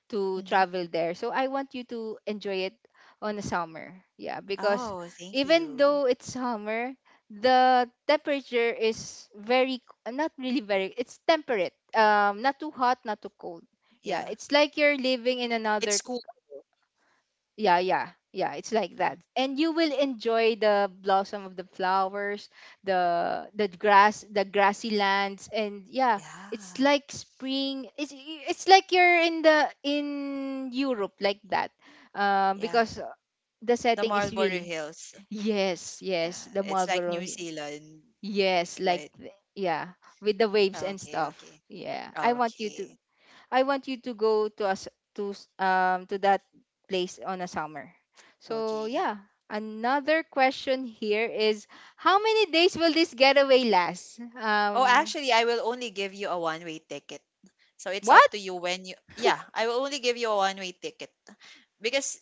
to
Mhm.
travel there. So I want you to enjoy it on the summer. Yeah, because
Oh, thank
even
you.
though it's summer, the temperature is very it's temperate. Not too hot, not too cold. Yeah,
Yeah.
it's like you're living in another
It's cool.
yeah, yeah, yeah. It's like
Mm.
that, and you will enjoy the blossom of the flowers, the grass, the grassy lands, and yeah, it's
Yeah.
like spring. It's like you're in the in Europe like that,
Yeah.
because the
The
setting is
Marlborough
really
Hills.
yes, yes,
Yeah.
the
It's like
Marlborough.
New
Hill.
Zealand,
Yes,
right?
yeah, with the waves and
Okay,
stuff.
okay.
Yeah, I want you to.
Okay.
I want you to go to that place on a summer. So
Okay.
yeah, another question here is, how many days will this getaway last?
Oh, actually, I will only give you a one-way ticket. So it's up
What?
to you when you Yeah, I will only give you a one-way ticket because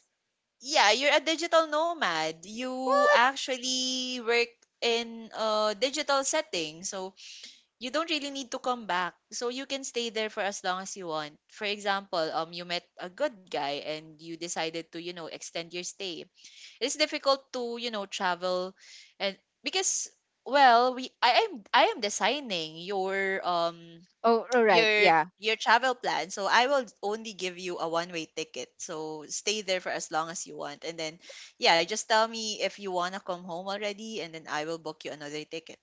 yeah, you're a digital nomad. You
What?
actually work in a digital setting. So you don't really need to come back. So you can stay there for as long as you want. For example, you met a good guy and you decided to, you know, extend your stay. It's difficult to, you know, travel and because well, we I am designing your
Oh, all right.
your
Yeah.
your travel plan. So I will only give you a one way ticket. So stay there for as long as you want, and then yeah, just tell me if you want to come home already and then I will book you another ticket.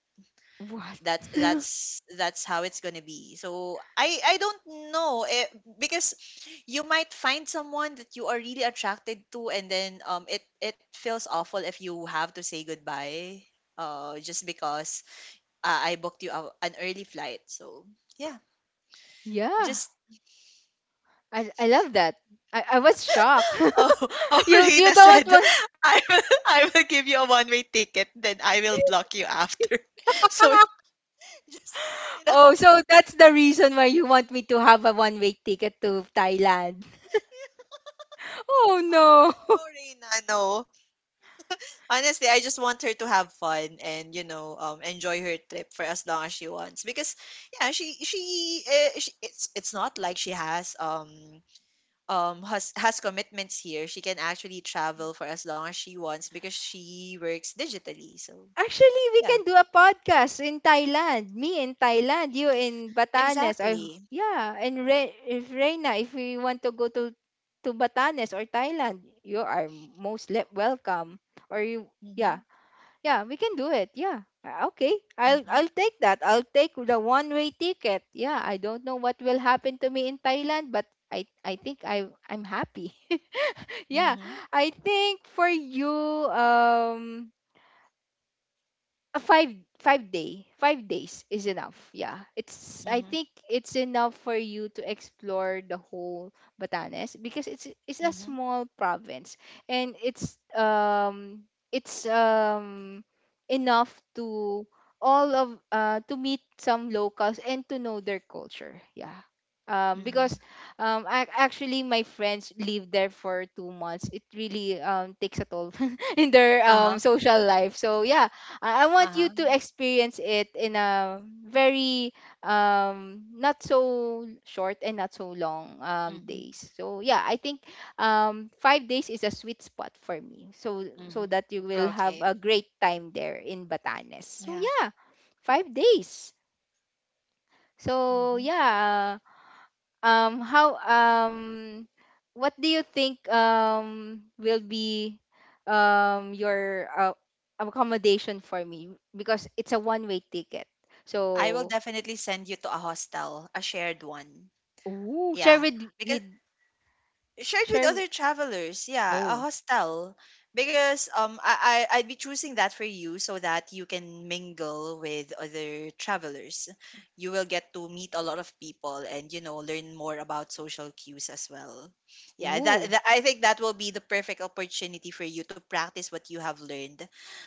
What?
That's that's that's how it's gonna be. So I don't know, because you might find someone that you are really attracted to, and then it it feels awful if you have to say goodbye just because I booked you an early flight. So yeah,
(laughs) Yeah.
just
I love that. I was shocked.
oh (laughs)
(laughs)
oh
You
Rina
don't
said
want.
(laughs) I will give you a one way ticket then I will block you after. (laughs) So
(laughs)
(laughs) just you know
Oh, so that's the reason why you want me to have a one way ticket to Thailand. (laughs) Oh
oh
no.
no Reina no. Honestly, I just want her to have fun and you know enjoy her trip for as long as she wants because yeah she it's not like she has has commitments here. She can actually travel for as long as she wants because she works digitally. So
Actually, we
yeah,
can do a podcast in Thailand. Me in Thailand, you in Batanes. Or,
exactly.
yeah, and if Reina, if we want to go to Batanes or Thailand, you are most welcome. Or you,
Mhm.
yeah, yeah, we can do it. Yeah. Okay, I'll
Mhm.
I'll take that. I'll take the one way ticket. Yeah, I don't know what will happen to me in Thailand, but I'm happy. (laughs) Yeah,
Mhm.
I think for you, a 5 days is enough. Yeah, it's I
Mhm.
think it's enough for you to explore the whole Batanes because it's a
Mhm.
small province, and it's it's um enough to all of to meet some locals and to know their culture. Yeah,
Mhm.
because ac actually my friends lived there for 2 months. It really takes a toll (laughs) in their
Uh-huh.
social life. So yeah, I want
Uh-huh.
you to experience it in a very not so short and not so long
Mhm.
days. So yeah, I think 5 days is a sweet spot for me, so so
Mhm.
that you will
Okay.
have a great time there in Batanes. So
Yeah.
yeah, 5 days. So
Mhm.
yeah, how what do you think will be your accommodation for me, because it's a one way ticket,
I will
so
definitely send you to a hostel, a shared one.
ooh, share
Yeah, because
with
shared with
share.
other travelers, yeah, a
Oh.
hostel because I, I'd be choosing that for you so that you can mingle with other travelers. You will get to meet a lot of people and you know learn more about social cues as well. Yeah,
Ooh,
that I think that will be the perfect opportunity for you to practice what you have learned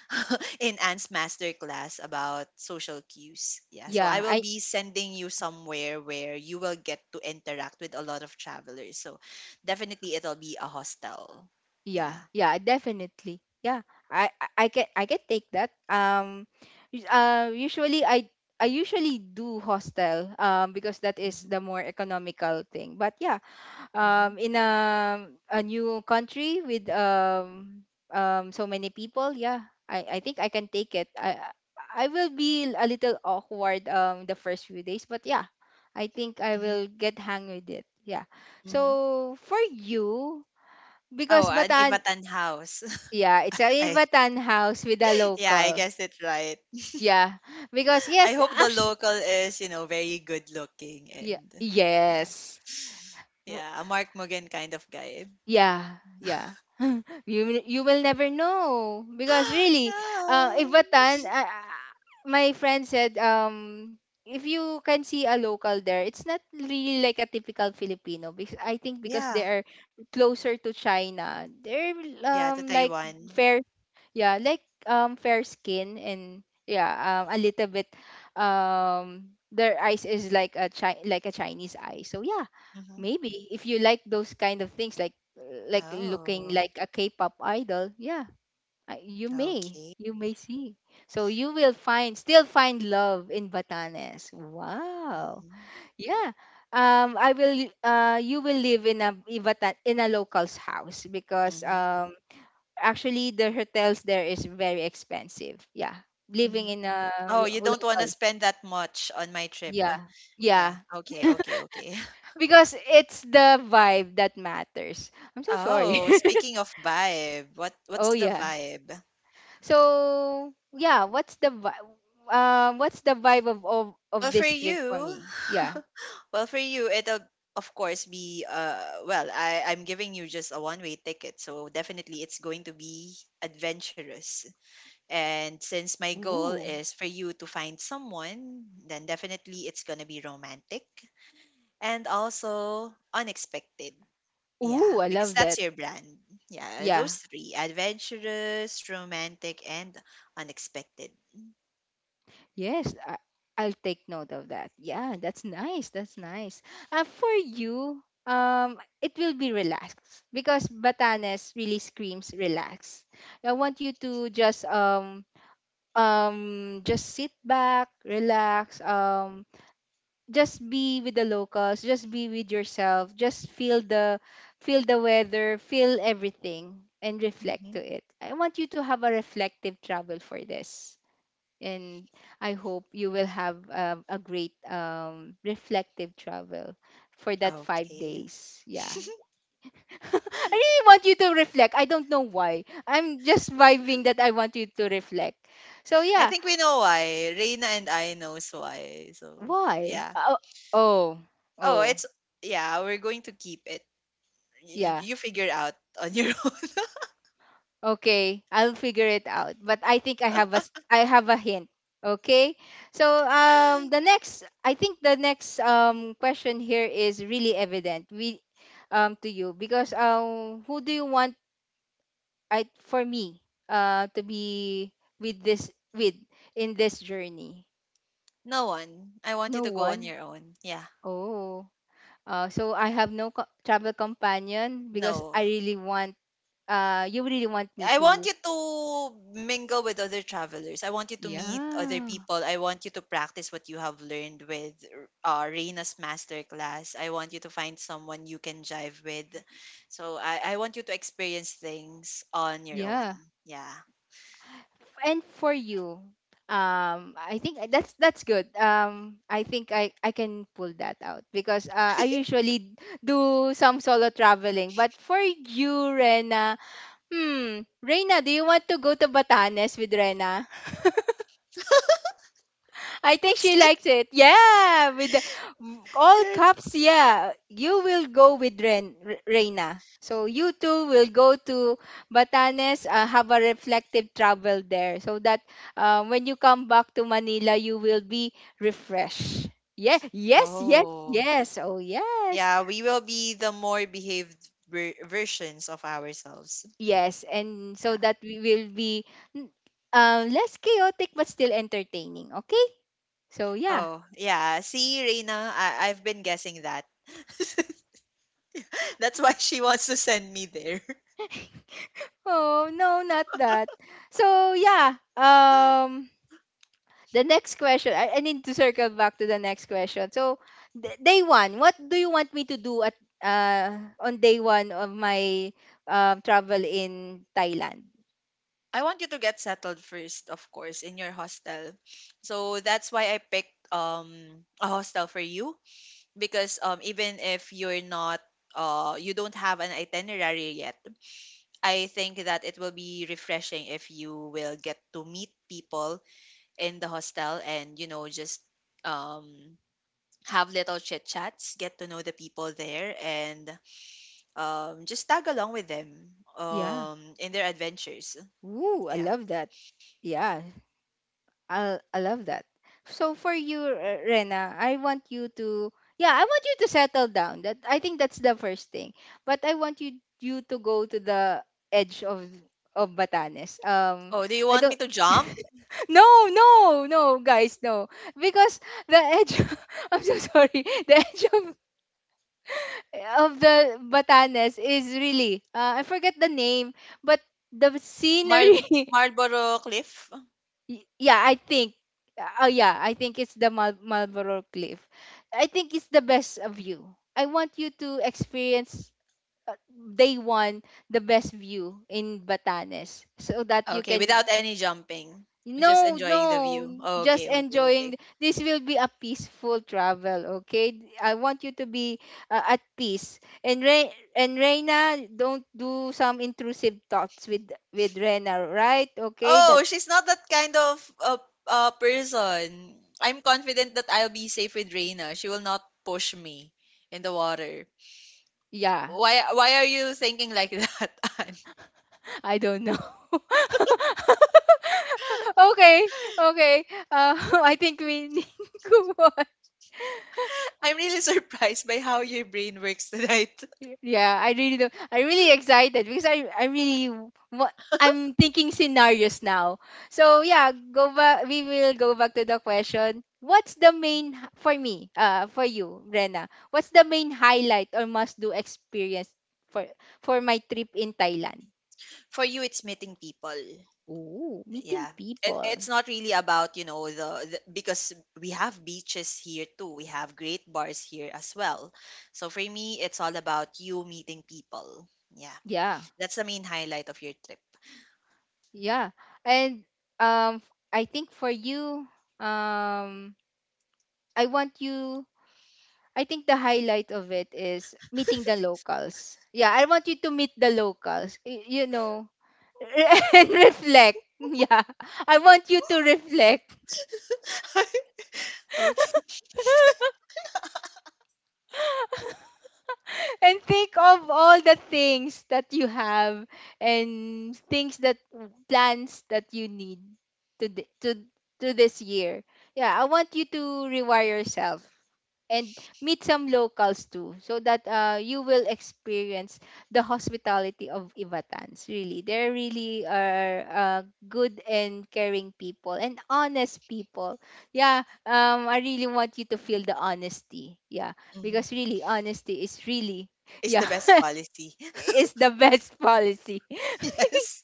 (laughs) in Anne's masterclass about social cues. Yeah, so I
yeah.
will
i
be sending you somewhere where you will get to interact with a lot of travelers. So definitely it'll be a hostel. Yeah.
yeah yeah definitely, yeah. I can, I can take that. Usually I usually do hostel because that is
Mhm.
the more economical thing. But yeah,
Mhm.
in a new country with so many people, yeah, I think I can take it. I will be a little awkward the first few days, but yeah, I think I
Mhm.
will get hang with it. Yeah.
Mhm.
So for you,
Oh,
because
an
batan
Ivatan house.
yeah, it's
(laughs)
a in
I
Batan house with a
(laughs) Yeah, I
local.
guess it's right.
Yeah, because
I
yes,
hope the
actually,
local is, you know, very good looking,
yeah,
and yeah.
yes.
Yeah, a Mark Mugen kind of guy.
Yeah, yeah. (laughs) You will- you will never know
(gasps)
because really,
Yeah.
if Batan, my friend said, if you can see a local there, it's not really like a typical Filipino, because I think because they
Yeah.
are closer to China, they're
Yeah, to
like
Taiwan.
fair, yeah, like fair skin, and yeah, a little bit, their eyes is like a like a Chinese eye. So yeah,
Mm-hmm.
maybe if you like those kind of things, like looking
Oh,
like a K-pop idol, yeah,
okay.
you may see. So you will find still find love in Batanes. Wow,
Mm-hmm.
yeah. I will. You will live in a in a local's house because
Mm-hmm.
actually the hotels there is very expensive. Yeah, living
Mm-hmm.
in a
Oh, you don't want to
local.
spend that much on my trip.
Yeah,
Yeah.
yeah,
Okay, okay, okay. (laughs)
because it's the vibe that matters. I'm so sorry.
Oh,
(laughs)
speaking of vibe, what
Oh
what's the
yeah.
vibe?
So yeah, what's the vibe of,
Well,
of
for
this trip for
you,
me? Yeah.
(laughs) well, for you, it'll of course be well, I I'm giving you just a one-way ticket, so definitely it's going to be adventurous. And since my goal
Ooh.
is for you to find someone, then definitely it's gonna be romantic and also unexpected. Yeah,
Ooh, I
because
love
that's
that.
your brand. Yeah, those
Yeah.
three, adventurous, romantic, and unexpected.
Yes, I, I'll take note of that. Yeah, that's nice. That's nice. For you, it will be relaxed because Batanes really screams relax. I want you to just sit back, relax, just be with the locals, just be with yourself, just feel the weather, feel everything, and reflect
Mhm.
to it. I want you to have a reflective travel for this, and I hope you will have a great reflective travel for that five
Okay.
days Yeah. (laughs) I really want you to reflect. I don't know why, I'm just vibing that I want you to reflect. So
I
yeah,
think we know why. Reina and I knows why. So
why,
yeah.
oh, oh,
Oh,
oh.
it's yeah. We're going to keep it. You,
Yeah.
you figure out on your (laughs) own.
Okay, I'll figure it out. But I think I have a I have a hint. Okay? So the next, I think the next question here is really evident. We To you because who do you want I for me to be with this with in this journey?
No one. I want you
No
to go on
one.
your own. Yeah.
Oh. So I have no travel companion, because
No.
I really want you really want me
I want
to
you to mingle with other travelers. I want you to meet other
yeah.
people. I want you to practice what you have learned with Reina's masterclass. I want you to find someone you can jive with. So I want you to experience things on your own.
Yeah.
Yeah.
And for you, I think that's good. I think I can pull that out because I usually do some solo traveling. But for you, Rena, hmm, Rena, do you want to go to Batanes with Rena? I
(laughs)
think
That's
she
so
likes it. Yeah, with the, all
cute.
cups. Yeah, you will go with Reina. So you two will go to Batanes, have a reflective travel there, so that when you come back to Manila, you will be refreshed. Yeah, yes, yes,
Oh.
yes. Oh, yes,
Yeah, we will be the more behaved versions of ourselves.
yes, and so
Yeah.
that we will be mm, less chaotic but still entertaining. Okay, so yeah.
Oh, yeah. See, Reina, I've been guessing that. (laughs) That's why she wants to send me there.
Oh, no, not that. So, yeah, the next question. I need to circle back to the next question. So, day 1, what do you want me to do at on day 1 of my travel in Thailand?
I want you to get settled first, of course, in your hostel. So that's why I picked a hostel for you because even if you're not you don't have an itinerary yet, I think that it will be refreshing if you will get to meet people in the hostel, and you know, just um have little chit chats, get to know the people there, and just tag along with them
Yeah.
in their adventures.
Ooh, I
Yeah.
love that. Yeah, I love that. So for you, Rena, I want you to yeah, I want you to settle down. That I think that's the first thing. But I want you to go to the edge of Batanes.
Oh, do you
I
want me
don't.
to
(laughs)
jump?
No, no, no, guys, no. Because the edge, (laughs) I'm so sorry. The edge of the Batanes is really, I forget the name, but the
Mar
scenery. (laughs)
Marlboro Cliff?
I think oh yeah, I think it's the Marlboro Cliff. I think it's the best view. I want you to experience uh, day one the best view in Batanes so that you
Okay, without
can.
any jumping. Just
No, no,
enjoying the view.
just
Okay, okay,
enjoying,
okay.
this will be a peaceful travel, okay. I want you to be at peace, and Reina, don't do some intrusive thoughts with Rena, right? Okay. that
Oh, she's not that kind of uh, person. I'm confident that I'll be safe with Reina. She will not push me in the water.
Yeah,
Why are you thinking like (laughs) that, Anne?
I don't know. (laughs) Okay, okay. Uh, (laughs) I think we need (laughs) to go on.
I'm really surprised by how your brain works tonight.
Yeah, I really don't. I'm really excited because I really what I'm thinking scenarios now. So yeah, go back. We will go back to the question. What's the main for me? For you, Rena. What's the main highlight or must do experience for for my trip in Thailand?
(laughs) For you, it's meeting people.
Oh, meeting
Yeah. It,
people.
it's not really about, you know, the because we have beaches here too. We have great bars here as well. So for me, it's all about you meeting people. Yeah.
Yeah.
That's the main highlight of your trip.
Yeah. And I think for you, um I want you, I think the highlight of it is meeting the locals. Yeah, I want you to meet the locals. You know, (laughs) and reflect. Yeah. I want you to reflect
(laughs) Okay.
(laughs) and think of all the things that you have and things that plans that you need to to this year. Yeah, I want you to rewire yourself and meet some locals too, so that you will experience the hospitality of Ivatans. Really, they really are, good and caring people and honest people. Yeah, I really want you to feel the honesty. Yeah,
hmm
because really, honesty is really,
It's
yeah,
the best policy.
(laughs) is the best policy.
(laughs) Yes.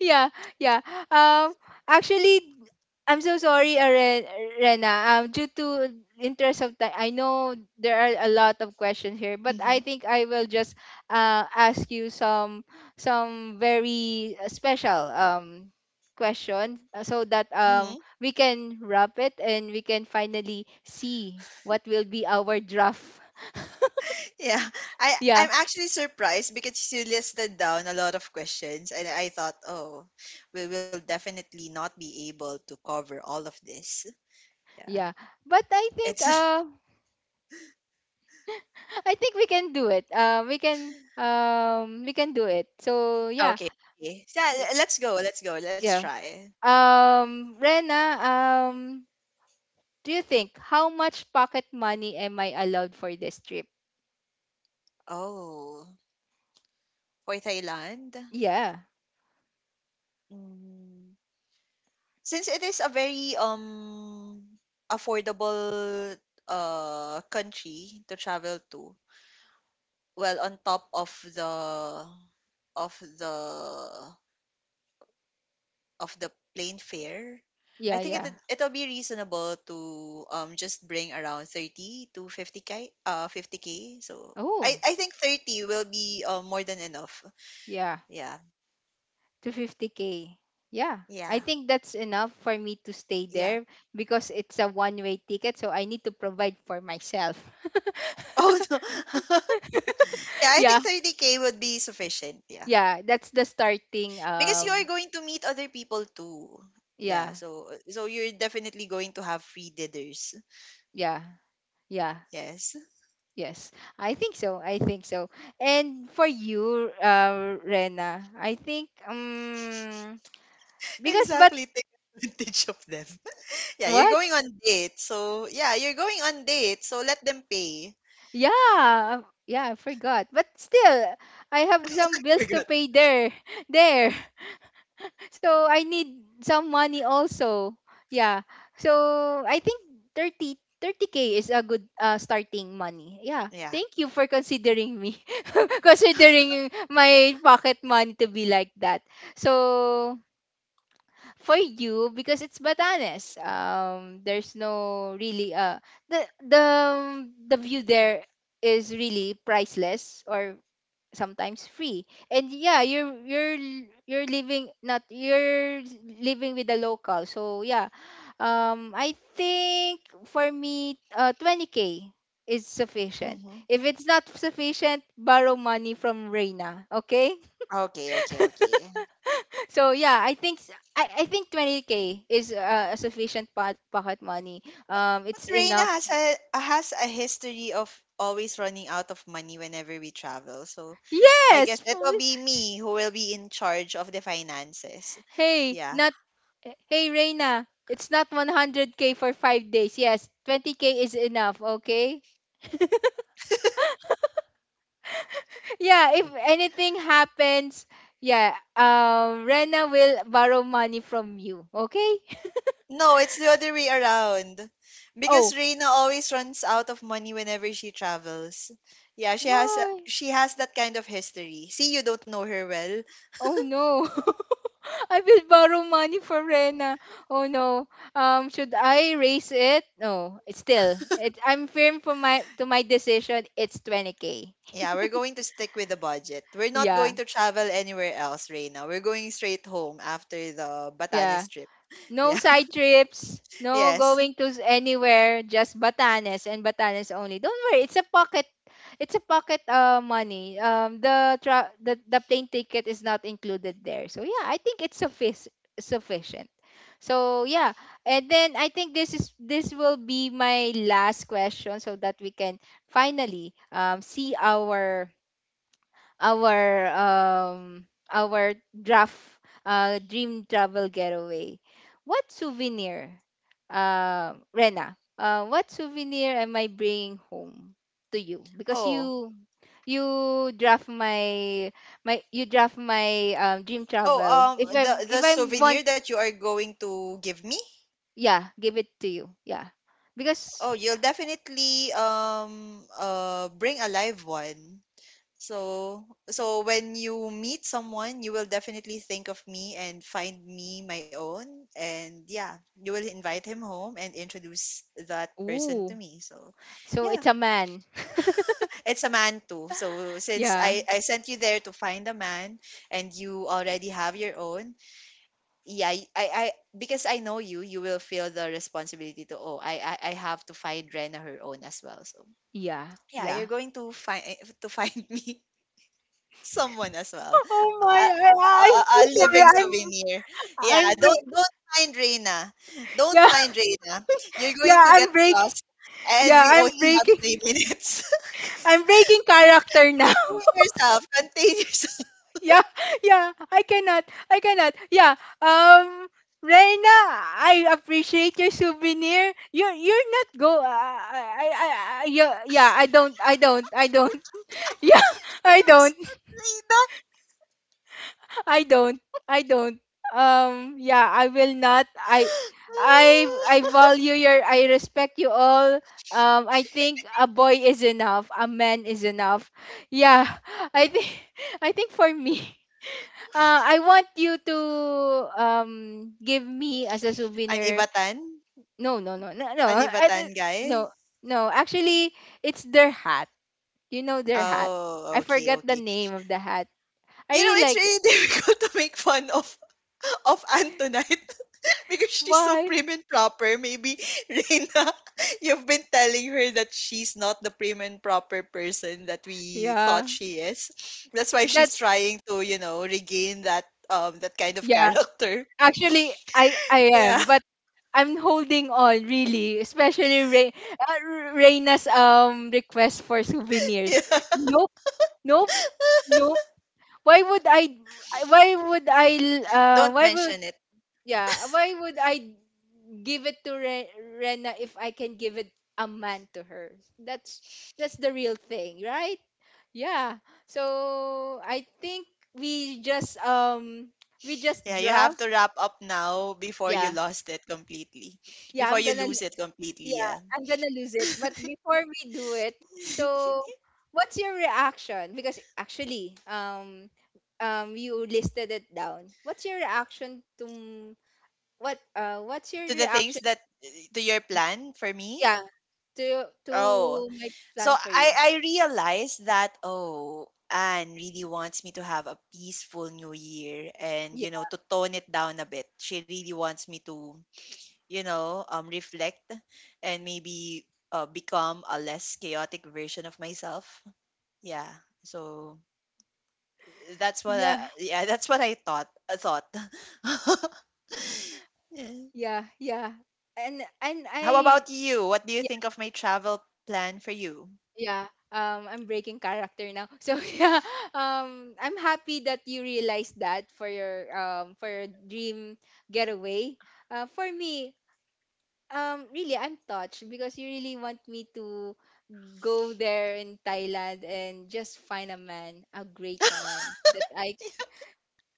Yeah, yeah. Um, actually, I'm so sorry, Rena. Due to interest of time, I know there are a lot of questions here, but I
hmm
think I will just ask you some very special question, so that
hmm
we can wrap it and we can finally see what will be our draft.
Yeah. I,
(laughs) Yeah,
I'm actually surprised because you listed down a lot of questions, and I thought, oh, we will definitely not be able to cover all of this. Yeah.
yeah. But I think
It's
we can do it. We can do it. So yeah,
Okay. Okay. So
Y-
let's go. Let's go. Let's
yeah.
try.
Rena, do you think how much pocket money am I allowed for this trip?
Oh, for Thailand.
Yeah,
Mm. Since it is a very affordable country to travel to. Well, on top of of the the plane fare, I
yeah,
think
yeah.
it'll be reasonable to just bring around 30 to 50K 50K. So I
Oh,
I think 30 will be more than enough.
yeah,
Yeah.
250K k. Yeah, I
Yeah.
think that's enough for me to stay
Yeah.
there
(laughs)
because it's a one way ticket, so I need to provide for myself.
Oh no. (laughs) Yeah,
(laughs)
I
Yeah,
think 30K would be sufficient. Yeah.
yeah. That's the starting.
Because you are going to meet other people too. Yeah,
Yeah,
so so you're definitely going to have free dinners.
yeah, yeah.
Yes.
Yes, I think so. I think so. And for you, Rena, I think
(laughs)
(tsk) because but
Exactly. Take advantage of them. (laughs) Yeah, you're
what?
going on date. So yeah, you're going on date. So let them pay.
Yeah, yeah, I forgot. But still, I have some
(laughs)
bills to
Forgot.
pay there, (laughs) there. So I need some money also. Yeah. So I think 30K k is a good starting money. Yeah.
Yeah.
Thank you for considering me, (laughs) considering my pocket money to be like that. So for you, because it's Batanes. There's no really, the view there is really priceless or sometimes free. And yeah, you're living, not you're living with the local. So yeah, I think for me, 20k is sufficient.
Mm-hmm.
If it's not sufficient, borrow money from Reina. Okay.
Okay, okay,
(laughs)
okay.
So yeah, I think I think 20k is a sufficient pocket money.
But
Um,
but
it's
Reina
enough.
has a history of always running out of money whenever we travel. So I guess
Yes.
it will be me who will be in charge of the finances.
Hey,
Yeah.
not Hey Reina, it's not 100k for 5 days. Yes, 20k is enough, okay? Yeah, if anything happens, yeah, Rena will borrow money from you, okay? (laughs)
No, it's the other way around. Because
Oh,
Reina always runs out of money whenever she travels. Yeah, she
why?
she has that kind of history. See, you don't know her well.
Oh no. (laughs) I will borrow money for Rena. Oh no. Um, should I raise it? No. It's still. It I'm firm for my to my decision. It's 20k.
Yeah, we're going to stick with the budget. We're not
Yeah.
going to travel anywhere else, Reina. We're going straight home after the
Yeah.
Batanes trip.
No
(laughs)
side trips, no
Yes.
going to anywhere, just Batanes and Batanes only. Don't worry, it's a pocket, money. Um, the, tra- the plane ticket is not included there. So yeah, I think it's sufficient. So yeah, and then I think this will be my last question, so that we can finally see our our um our draft dream travel getaway. What souvenir, Rena? What souvenir am I bringing home to you? Because
Oh.
you draft my my you draft my, dream
Oh,
travel. If
um
I
the the
want,
souvenir that you are going to give me?
yeah, give it to you. Yeah, because,
Oh, you'll definitely bring a live one. So so when you meet someone, you will definitely think of me and find me my own, and yeah, you will invite him home and introduce that person to
ooh,
me. So
so
yeah,
it's a man.
(laughs) it's a man too. So since
Yeah,
I sent you there to find a man and you already have your own, yeah I because I know you will feel the responsibility to oh I have to find rena her own as well, so
yeah,
yeah, you're
yeah.
going to find (laughs) me someone as well,
Oh my, I'm
a
so sorry.
living souvenir. Yeah,
I'm
don't
break.
don't mind Reina, don't
Yeah,
mind Reina, you're
(laughs) yeah,
going to get
I'm break.
lost and
Yeah,
we only
I'm
have
breaking.
3 minutes.
I'm breaking character
(laughs)
now. (laughs)
Contain yourself, contain yourself.
Yeah, yeah. I cannot. I cannot. Yeah. Um, Reina, I appreciate your souvenir. You're not go. I- yeah, yeah. I don't. I don't. I don't. (laughs)
(laughs)
Yeah,
She
I don't.
lost with Reina.
I don't. I don't. Yeah, I will not. I value your, I respect you all. Um, I think a boy is enough. A man is enough. Yeah. (laughs) I think (laughs) I think for me, (laughs) I want you to, um, give me as a
(sighs) an
souvenir.
ibatan
No, no, no, no, no,
an
I
ibatan
don't-
guy.
no, no. Actually, it's their hat. You know their hat.
Oh,
I
okay,
forgot the
okay.
name of the hat. I
You know,
really
it's
like.
really (laughs) difficult to make fun of Antonite (laughs) because she's so
Why.
prim and proper. Maybe (laughs) Reina, you've been telling her that she's not the prim and proper person that we
Yeah,
thought she is. That's why
that
she's trying to, you know, regain that kind of
yeah,
character. (laughs)
actually, I
Yeah.
am, but I'm holding on really, especially Reina's request for
(laughs) Yeah.
souvenirs.
(laughs)
Nope, nope, nope. Why would I? Why would I?
Don't
Why would,
mention it.
yeah? Why would I give it to Rena if I can give it a man to her? That's that's the real thing, right? Yeah. So I think we just um we just
Yeah, you have
draft.
to wrap up now before you
Yeah,
lost it completely.
yeah,
Before you lose it completely,
yeah,
yeah.
I'm gonna lose it. But before we do it,
(laughs)
so what's your reaction? Because, actually, you listed it down. What's your reaction to what? What's your
to the things
reaction?
that To your plan for me.
Yeah,
Oh,
to my
so
plan for you.
I realized that oh, Anne really wants me to have a peaceful New Year and
Yeah,
you know to tone it down a bit. She really wants me to you know reflect and maybe become a less chaotic version of myself. Yeah, so that's what I
yeah,
yeah (laughs) that's what I thought. (laughs) Yeah.
yeah, yeah. And
How
I
about you? What do you think of my travel plan for you?
Yeah, I'm breaking character now. (laughs) So yeah, I'm happy that you realized that for your, for your dream getaway. For me, really, I'm touched because you really want me to go there in Thailand and just find a man, a great man that I,
(laughs)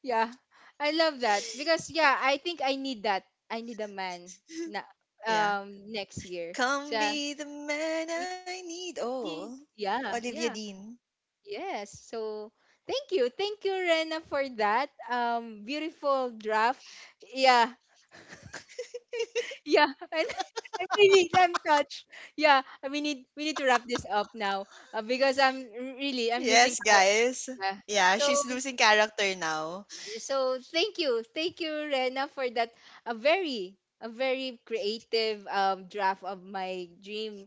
yeah, I love that, because, yeah, I think I need that. I need a man na
Yeah.
next year. So
Come be the man I need.
yeah,
Oh,
yeah,
Olivia
yeah,
Dean.
yes. So thank you. Thank you, Rena, for that. Um, beautiful draft. Yeah. Yeah. (laughs) And I really, I'm touched. Yeah. We need, to wrap this up now. Because I'm really, I'm losing
Yes,
heart.
guys.
Yeah.
Yeah,
So
she's losing character now.
so thank you. Thank you, Rena, for that, a very creative, um, draft of my dream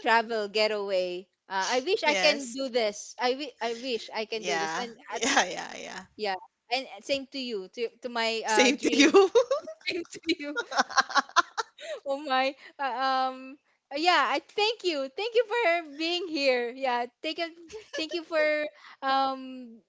travel getaway. I wish I can
Yes. Yeah.
do this. I wish I can do this.
(laughs) Yeah,
And
yeah, yeah.
yeah, and same to you, to my
Same to you.
dream,
(laughs)
(laughs) same to you. (laughs) Oh my, yeah. I thank you for being here. Yeah, thank you for, um,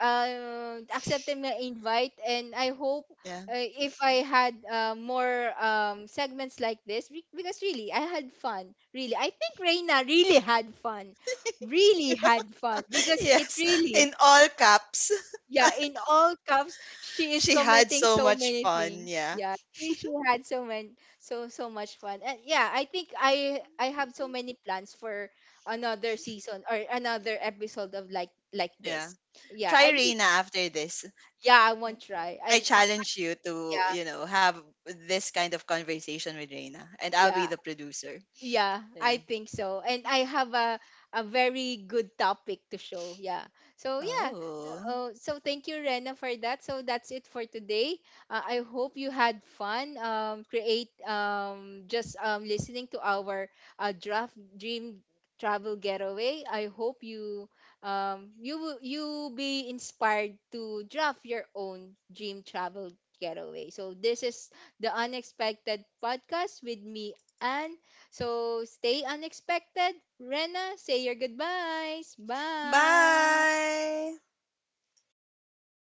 uh, accepting my invite, and I hope.
Yeah.
If I had, more, segments like this, because really I had fun. Really, I think Reina really had fun
(laughs)
because it
Yes.
really,
In all caps.
yeah, in all cups, she is
She had
commenting
so
so
much
many
fun.
things.
Yeah.
Yeah, she had so many, so so much fun. And yeah, I think I have so many plans for another season or another episode of like
Yeah.
this. Yeah,
Try
I will.
Reina after this.
Yeah, I won't try.
I
And
challenge you
yeah,
to, you know, have this kind of conversation with Reina, and I'll be
yeah,
the producer.
yeah,
Yeah.
I think so. And I have a very good topic to show. Yeah. So yeah.
Oh.
Oh, so thank you, Rena, for that. So that's it for today. I hope you had fun. Create, just listening to our draft dream travel getaway. I hope you, you will, you be inspired to draft your own dream travel getaway. So this is the Unexpected Podcast with me and. So stay unexpected. Rena, say your goodbyes. Bye.
Bye.